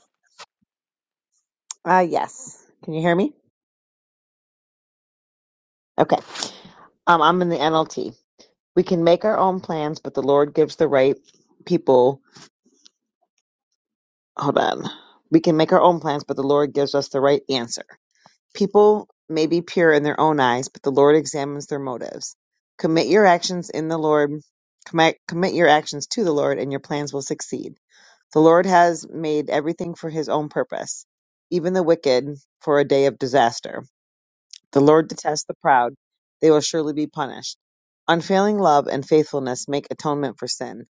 Uh, yes. Can you hear me? Okay. Um, I'm in the NLT. We can make our own plans, but the Lord gives the right people. Hold on. We can make our own plans, but the Lord gives us the right answer. People may be pure in their own eyes, but the Lord examines their motives. Commit your actions in the Lord. Commit, commit your actions to the Lord, and your plans will succeed. The Lord has made everything for His own purpose, even the wicked for a day of disaster. The Lord detests the proud; they will surely be punished. Unfailing love and faithfulness make atonement for sin.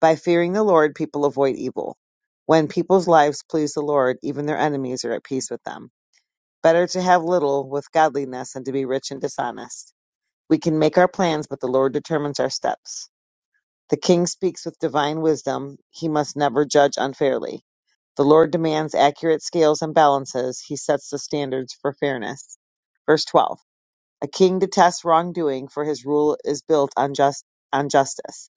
By fearing the Lord, people avoid evil. When people's lives please the Lord, even their enemies are at peace with them. Better to have little with godliness than to be rich and dishonest. We can make our plans, but the Lord determines our steps. The king speaks with divine wisdom. He must never judge unfairly. The Lord demands accurate scales and balances. He sets the standards for fairness. Verse 12. A king detests wrongdoing, for his rule is built on just on justice.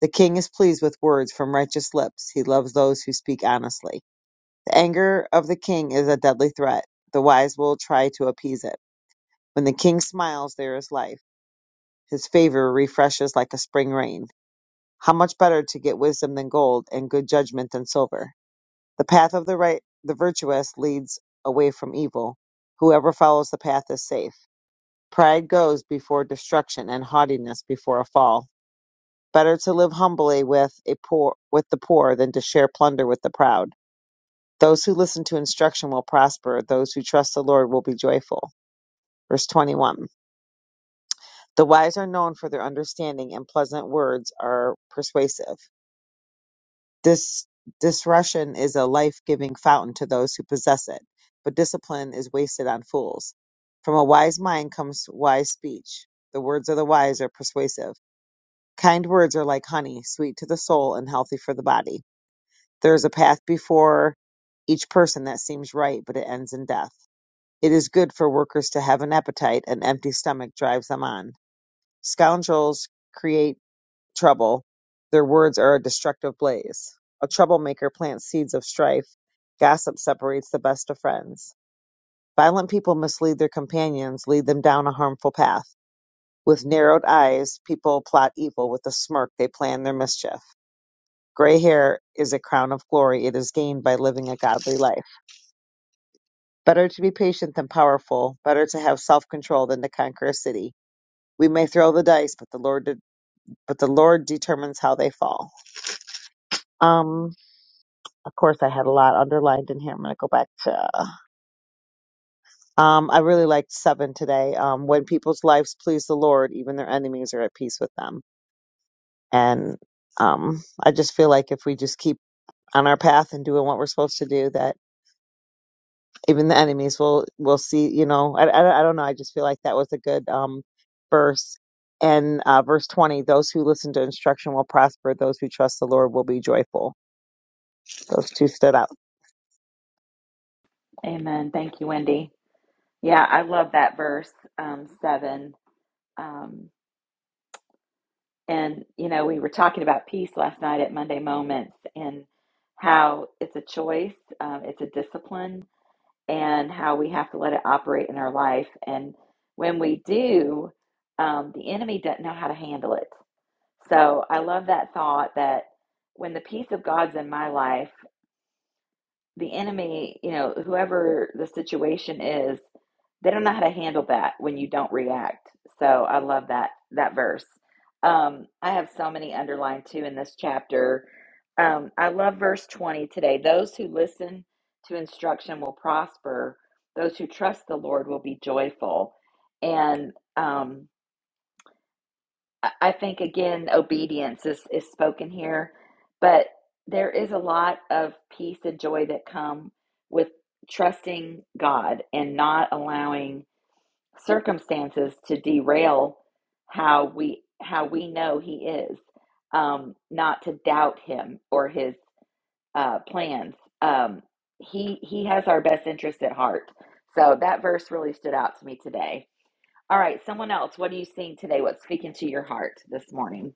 The king is pleased with words from righteous lips. He loves those who speak honestly. The anger of the king is a deadly threat. The wise will try to appease it. When the king smiles, there is life. His favor refreshes like a spring rain. How much better to get wisdom than gold and good judgment than silver. The path of the right the virtuous leads away from evil. Whoever follows the path is safe. Pride goes before destruction, and haughtiness before a fall. Better to live humbly with a poor with the poor than to share plunder with the proud. Those who listen to instruction will prosper. Those who trust the Lord will be joyful. Verse 21. The wise are known for their understanding, and pleasant words are persuasive. This discretion is a life-giving fountain to those who possess it, but discipline is wasted on fools. From a wise mind comes wise speech. The words of the wise are persuasive Kind words are like honey, sweet to the soul and healthy for the body. There is a path before each person that seems right, but it ends in death. It is good for workers to have an appetite, an empty stomach drives them on. Scoundrels create trouble, their words are a destructive blaze. A troublemaker plants seeds of strife, gossip separates the best of friends. Violent people mislead their companions, lead them down a harmful path. With narrowed eyes, people plot evil, with a smirk, they plan their mischief. Gray hair is a crown of glory. It is gained by living a godly life. Better to be patient than powerful. Better to have self-control than to conquer a city. We may throw the dice, but the Lord, de- but the Lord determines how they fall. Um, of course, I had a lot underlined in here. I'm gonna go back to. Um, I really liked seven today. Um, when people's lives please the Lord, even their enemies are at peace with them. And um, I just feel like if we just keep on our path and doing what we're supposed to do, that even the enemies will will see you know I, I, I don't know i just feel like that was a good um verse and uh, verse 20 those who listen to instruction will prosper those who trust the lord will be joyful those two stood out Amen. Thank you, Wendy. Yeah, I love that verse um, seven. Um, And, you know, we were talking about peace last night at Monday Moments and how it's a choice, um, it's a discipline, and how we have to let it operate in our life. And when we do, um, the enemy doesn't know how to handle it. So I love that thought that when the peace of God's in my life, the enemy, you know, whoever the situation is, they don't know how to handle that when you don't react. So I love that that verse. Um, I have so many underlined too in this chapter. Um, I love verse 20 today. Those who listen to instruction will prosper. Those who trust the Lord will be joyful. And um, I think again, obedience is, is spoken here, but there is a lot of peace and joy that come with trusting God and not allowing circumstances to derail how we how we know He is, um, not to doubt Him or His uh, plans. Um, he He has our best interest at heart. So that verse really stood out to me today. All right, someone else, what are you seeing today? What's speaking to your heart this morning?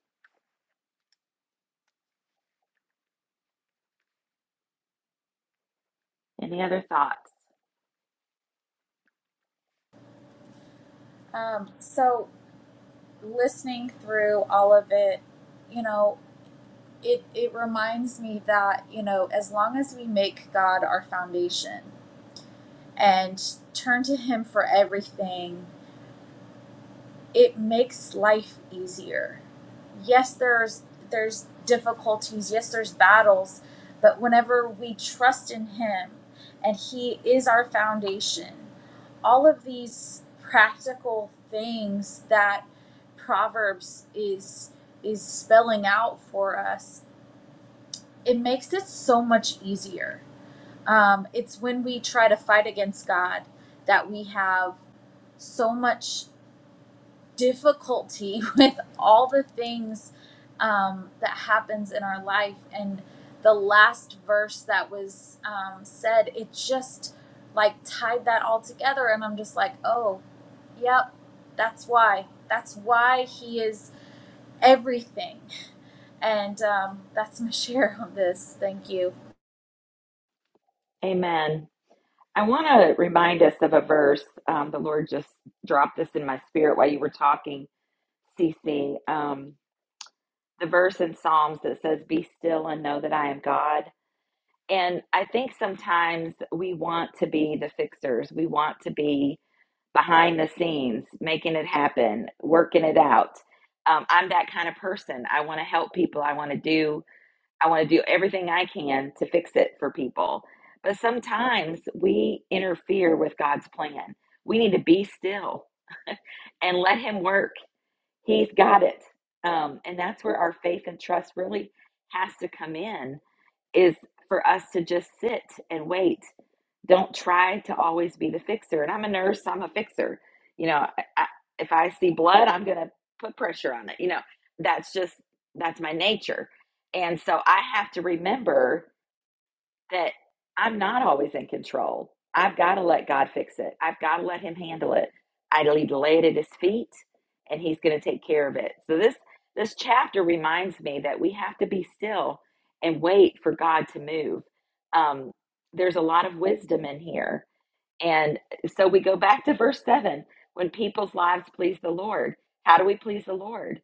Any other thoughts? Um, so listening through all of it, you know, it it reminds me that, you know, as long as we make God our foundation, and turn to Him for everything, it makes life easier. Yes, there's there's difficulties. Yes, there's battles, but whenever we trust in Him and He is our foundation, all of these practical things that Proverbs is is spelling out for us, it makes it so much easier. Um, it's when we try to fight against God that we have so much difficulty with all the things um, that happens in our life and the last verse that was um, said it just like tied that all together and i'm just like oh yep that's why that's why he is everything and um, that's my share on this thank you Amen. I want to remind us of a verse. Um, the Lord just dropped this in my spirit while you were talking, Cece. Um, the verse in Psalms that says, Be still and know that I am God. And I think sometimes we want to be the fixers, we want to be behind the scenes, making it happen, working it out. Um, I'm that kind of person. I want to help people, I want to do I want to do everything I can to fix it for people. But sometimes we interfere with God's plan. We need to be still and let Him work. He's got it. Um, and that's where our faith and trust really has to come in is for us to just sit and wait. Don't try to always be the fixer. And I'm a nurse, I'm a fixer. You know, I, I, if I see blood, I'm going to put pressure on it. You know, that's just, that's my nature. And so I have to remember that I'm not always in control. I've got to let God fix it. I've got to let Him handle it. I need to lay it at His feet, and He's going to take care of it. So this this chapter reminds me that we have to be still and wait for God to move. Um, there's a lot of wisdom in here, and so we go back to verse seven. When people's lives please the Lord, how do we please the Lord?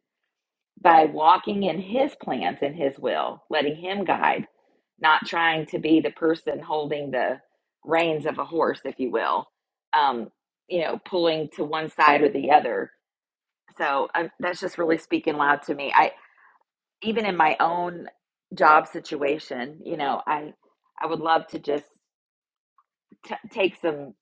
by walking in his plans and his will, letting him guide, not trying to be the person holding the reins of a horse, if you will, um, you know, pulling to one side or the other. So uh, that's just really speaking loud to me. I even in my own job situation, you know, I I would love to just t- take some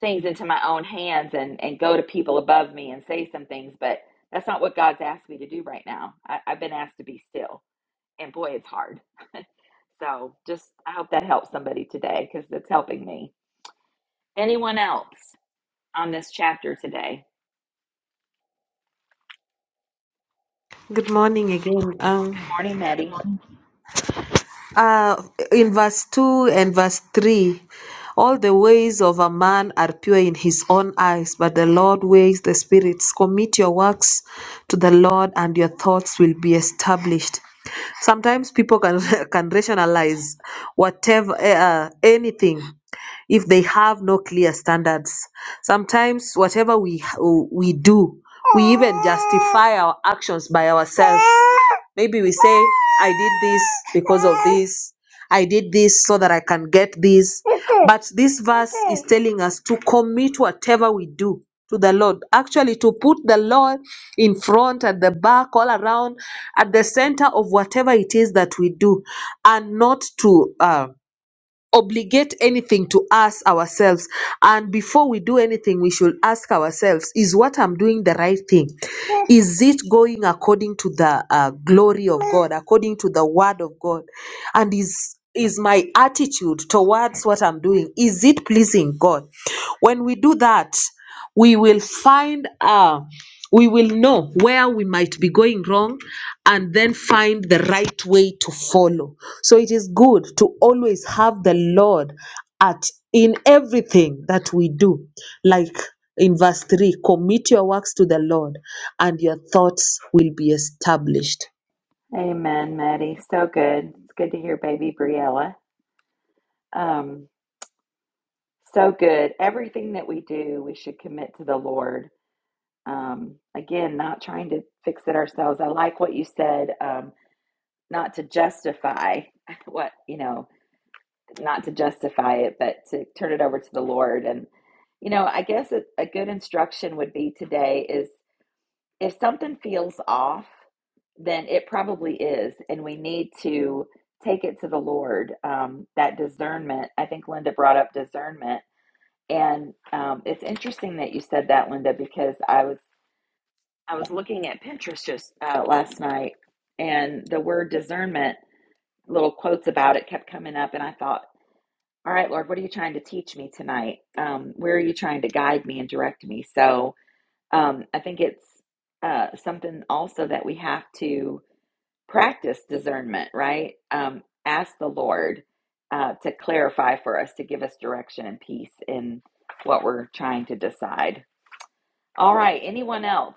things into my own hands and and go to people above me and say some things, but that's not what God's asked me to do right now. I, I've been asked to be still and boy, it's hard. So just, I hope that helps somebody today because it's helping me. Anyone else on this chapter today? Good morning again. Um, Morning, Maddie. Uh, in verse 2 and verse 3, all the ways of a man are pure in his own eyes, but the Lord weighs the spirits. Commit your works to the Lord, and your thoughts will be established. Sometimes people can, can rationalize whatever, eh, uh, anything if they have no clear standards. Sometimes whatever we we do, we even justify our actions by ourselves Maybe we say, I did this because of this. I did this so that I can get this. But this verse is telling us to commit whatever we do to the Lord. Actually, to put the Lord in front, at the back, all around, at the center of whatever it is that we do, and not to. Um, obligate anything to us ourselves and before we do anything we should ask ourselves is what i'm doing the right thing is it going according to the uh, glory of god according to the word of god and is is my attitude towards what i'm doing is it pleasing god when we do that we will find uh we will know where we might be going wrong and then find the right way to follow so it is good to always have the lord at in everything that we do like in verse 3 commit your works to the lord and your thoughts will be established Amen, Maddie. So good. It's good to hear baby Briella. Um, so good. Everything that we do, we should commit to the Lord. Um, again, not trying to fix it ourselves. I like what you said, um, not to justify what, you know, not to justify it, but to turn it over to the Lord. And, you know, I guess a, a good instruction would be today is if something feels off, then it probably is. And we need to take it to the Lord. Um, that discernment, I think Linda brought up discernment. And um, it's interesting that you said that, Linda, because I was I was looking at Pinterest just uh, last night, and the word discernment, little quotes about it, kept coming up, and I thought, all right, Lord, what are you trying to teach me tonight? Um, where are you trying to guide me and direct me? So um, I think it's uh, something also that we have to practice discernment, right? Um, ask the Lord uh, to clarify for us, to give us direction and peace in what we're trying to decide. All right, anyone else?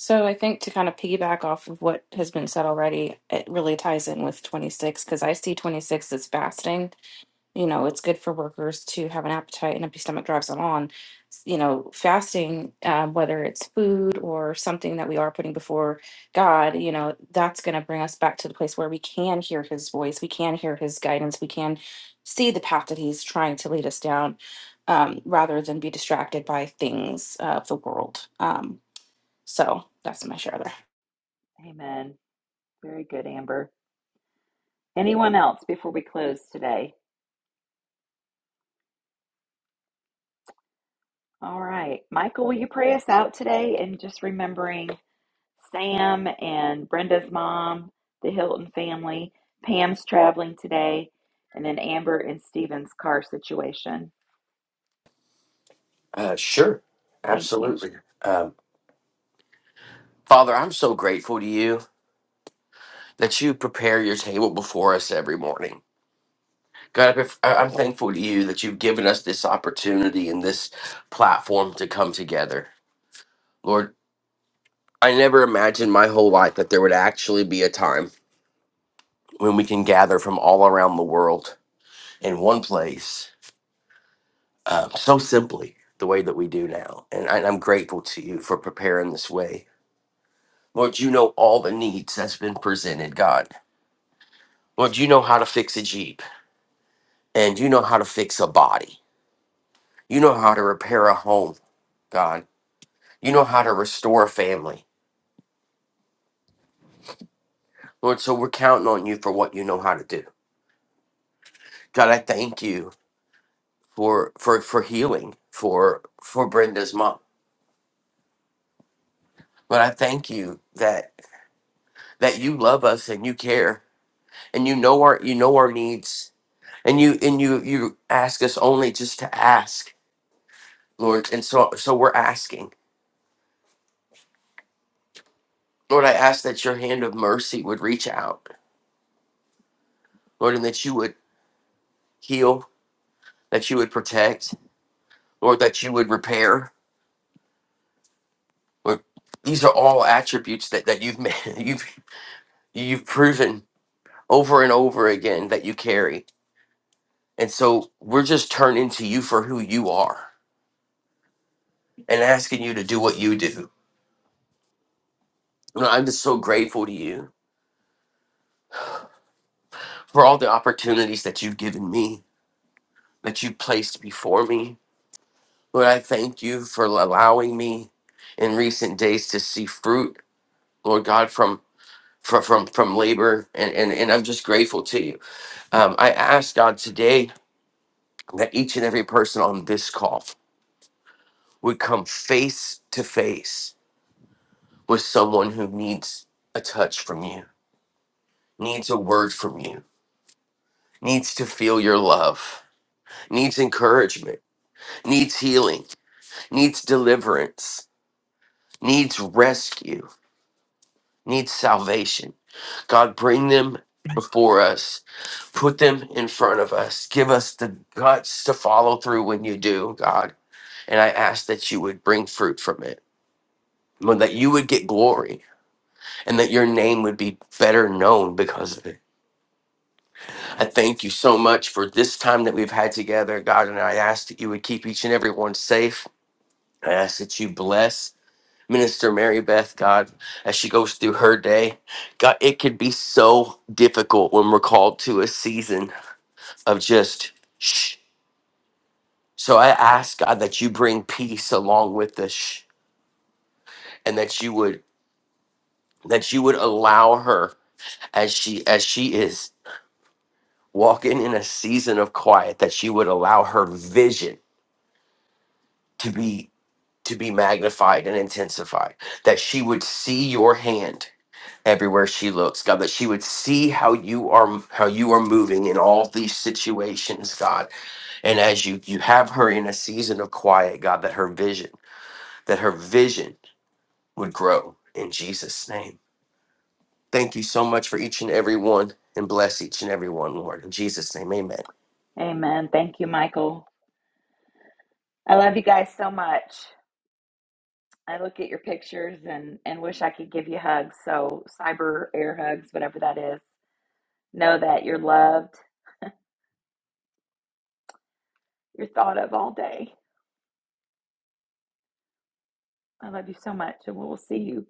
So I think to kind of piggyback off of what has been said already, it really ties in with 26 because I see 26 as fasting you know it's good for workers to have an appetite an empty stomach drives them on S- you know fasting um, whether it's food or something that we are putting before god you know that's going to bring us back to the place where we can hear his voice we can hear his guidance we can see the path that he's trying to lead us down um, rather than be distracted by things of the world um, so that's my share there Amen. Very good, Amber. Anyone else before we close today? All right, Michael, will you pray us out today? And just remembering Sam and Brenda's mom, the Hilton family. Pam's traveling today, and then Amber and Stephen's car situation. Uh, sure, Thank you. absolutely. Um, Father, I'm so grateful to you that you prepare your table before us every morning. God, I pref- I- I'm thankful to you that you've given us this opportunity and this platform to come together. Lord, I never imagined my whole life that there would actually be a time when we can gather from all around the world in one place um, so simply the way that we do now. And I- I'm grateful to you for preparing this way. Lord, you know all the needs that's been presented, God. Well, you know how to fix a Jeep, and you know how to fix a body. You know how to repair a home, God. You know how to restore a family. Lord, so we're counting on you for what you know how to do. God, I thank you for for for healing for for Brenda's mom. But I thank you that that you love us and you care and you know our you know our needs and you and you you ask us only just to ask, Lord. And so so we're asking. Lord, I ask that your hand of mercy would reach out Lord, and that you would heal, that you would protect, Lord, that you would repair. Lord, these are all attributes that, that you've made, you've you've proven over and over again that you carry. And so we're just turning to you for who you are and asking you to do what you do. Lord, I'm just so grateful to you for all the opportunities that you've given me, that you placed before me. Lord, I thank you for allowing me in recent days to see fruit, Lord God, from from from from labor and and, and i'm just grateful to you um, i ask god today that each and every person on this call would come face to face with someone who needs a touch from you needs a word from you needs to feel your love needs encouragement needs healing needs deliverance needs rescue needs salvation god bring them before us Put them in front of us. Give us the guts to follow through when you do, God. And I ask that you would bring fruit from it, Lord, that you would get glory, and that your name would be better known because of it. I thank you so much for this time that we've had together, God. And I ask that you would keep each and every one safe. I ask that you bless Minister Mary Beth, God, as she goes through her day. God, it can be so difficult when we're called to a season of just shh. So I ask God that you bring peace along with this and that you would that you would allow her as she as she is walking in a season of quiet that you would allow her vision to be to be magnified and intensified that she would see your hand everywhere she looks God that she would see how you are how you are moving in all these situations God and as you you have her in a season of quiet God that her vision that her vision would grow in Jesus' name. Thank you so much for each and every one and bless each and every one, Lord. In Jesus' name, amen. Amen. Thank you, Michael. I love you guys so much. I look at your pictures and, and wish I could give you hugs. So, cyber air hugs, whatever that is. Know that you're loved, you're thought of all day. I love you so much, and we will see you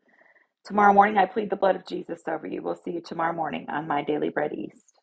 tomorrow morning. I plead the blood of Jesus over you. We'll see you tomorrow morning on My Daily Bread East.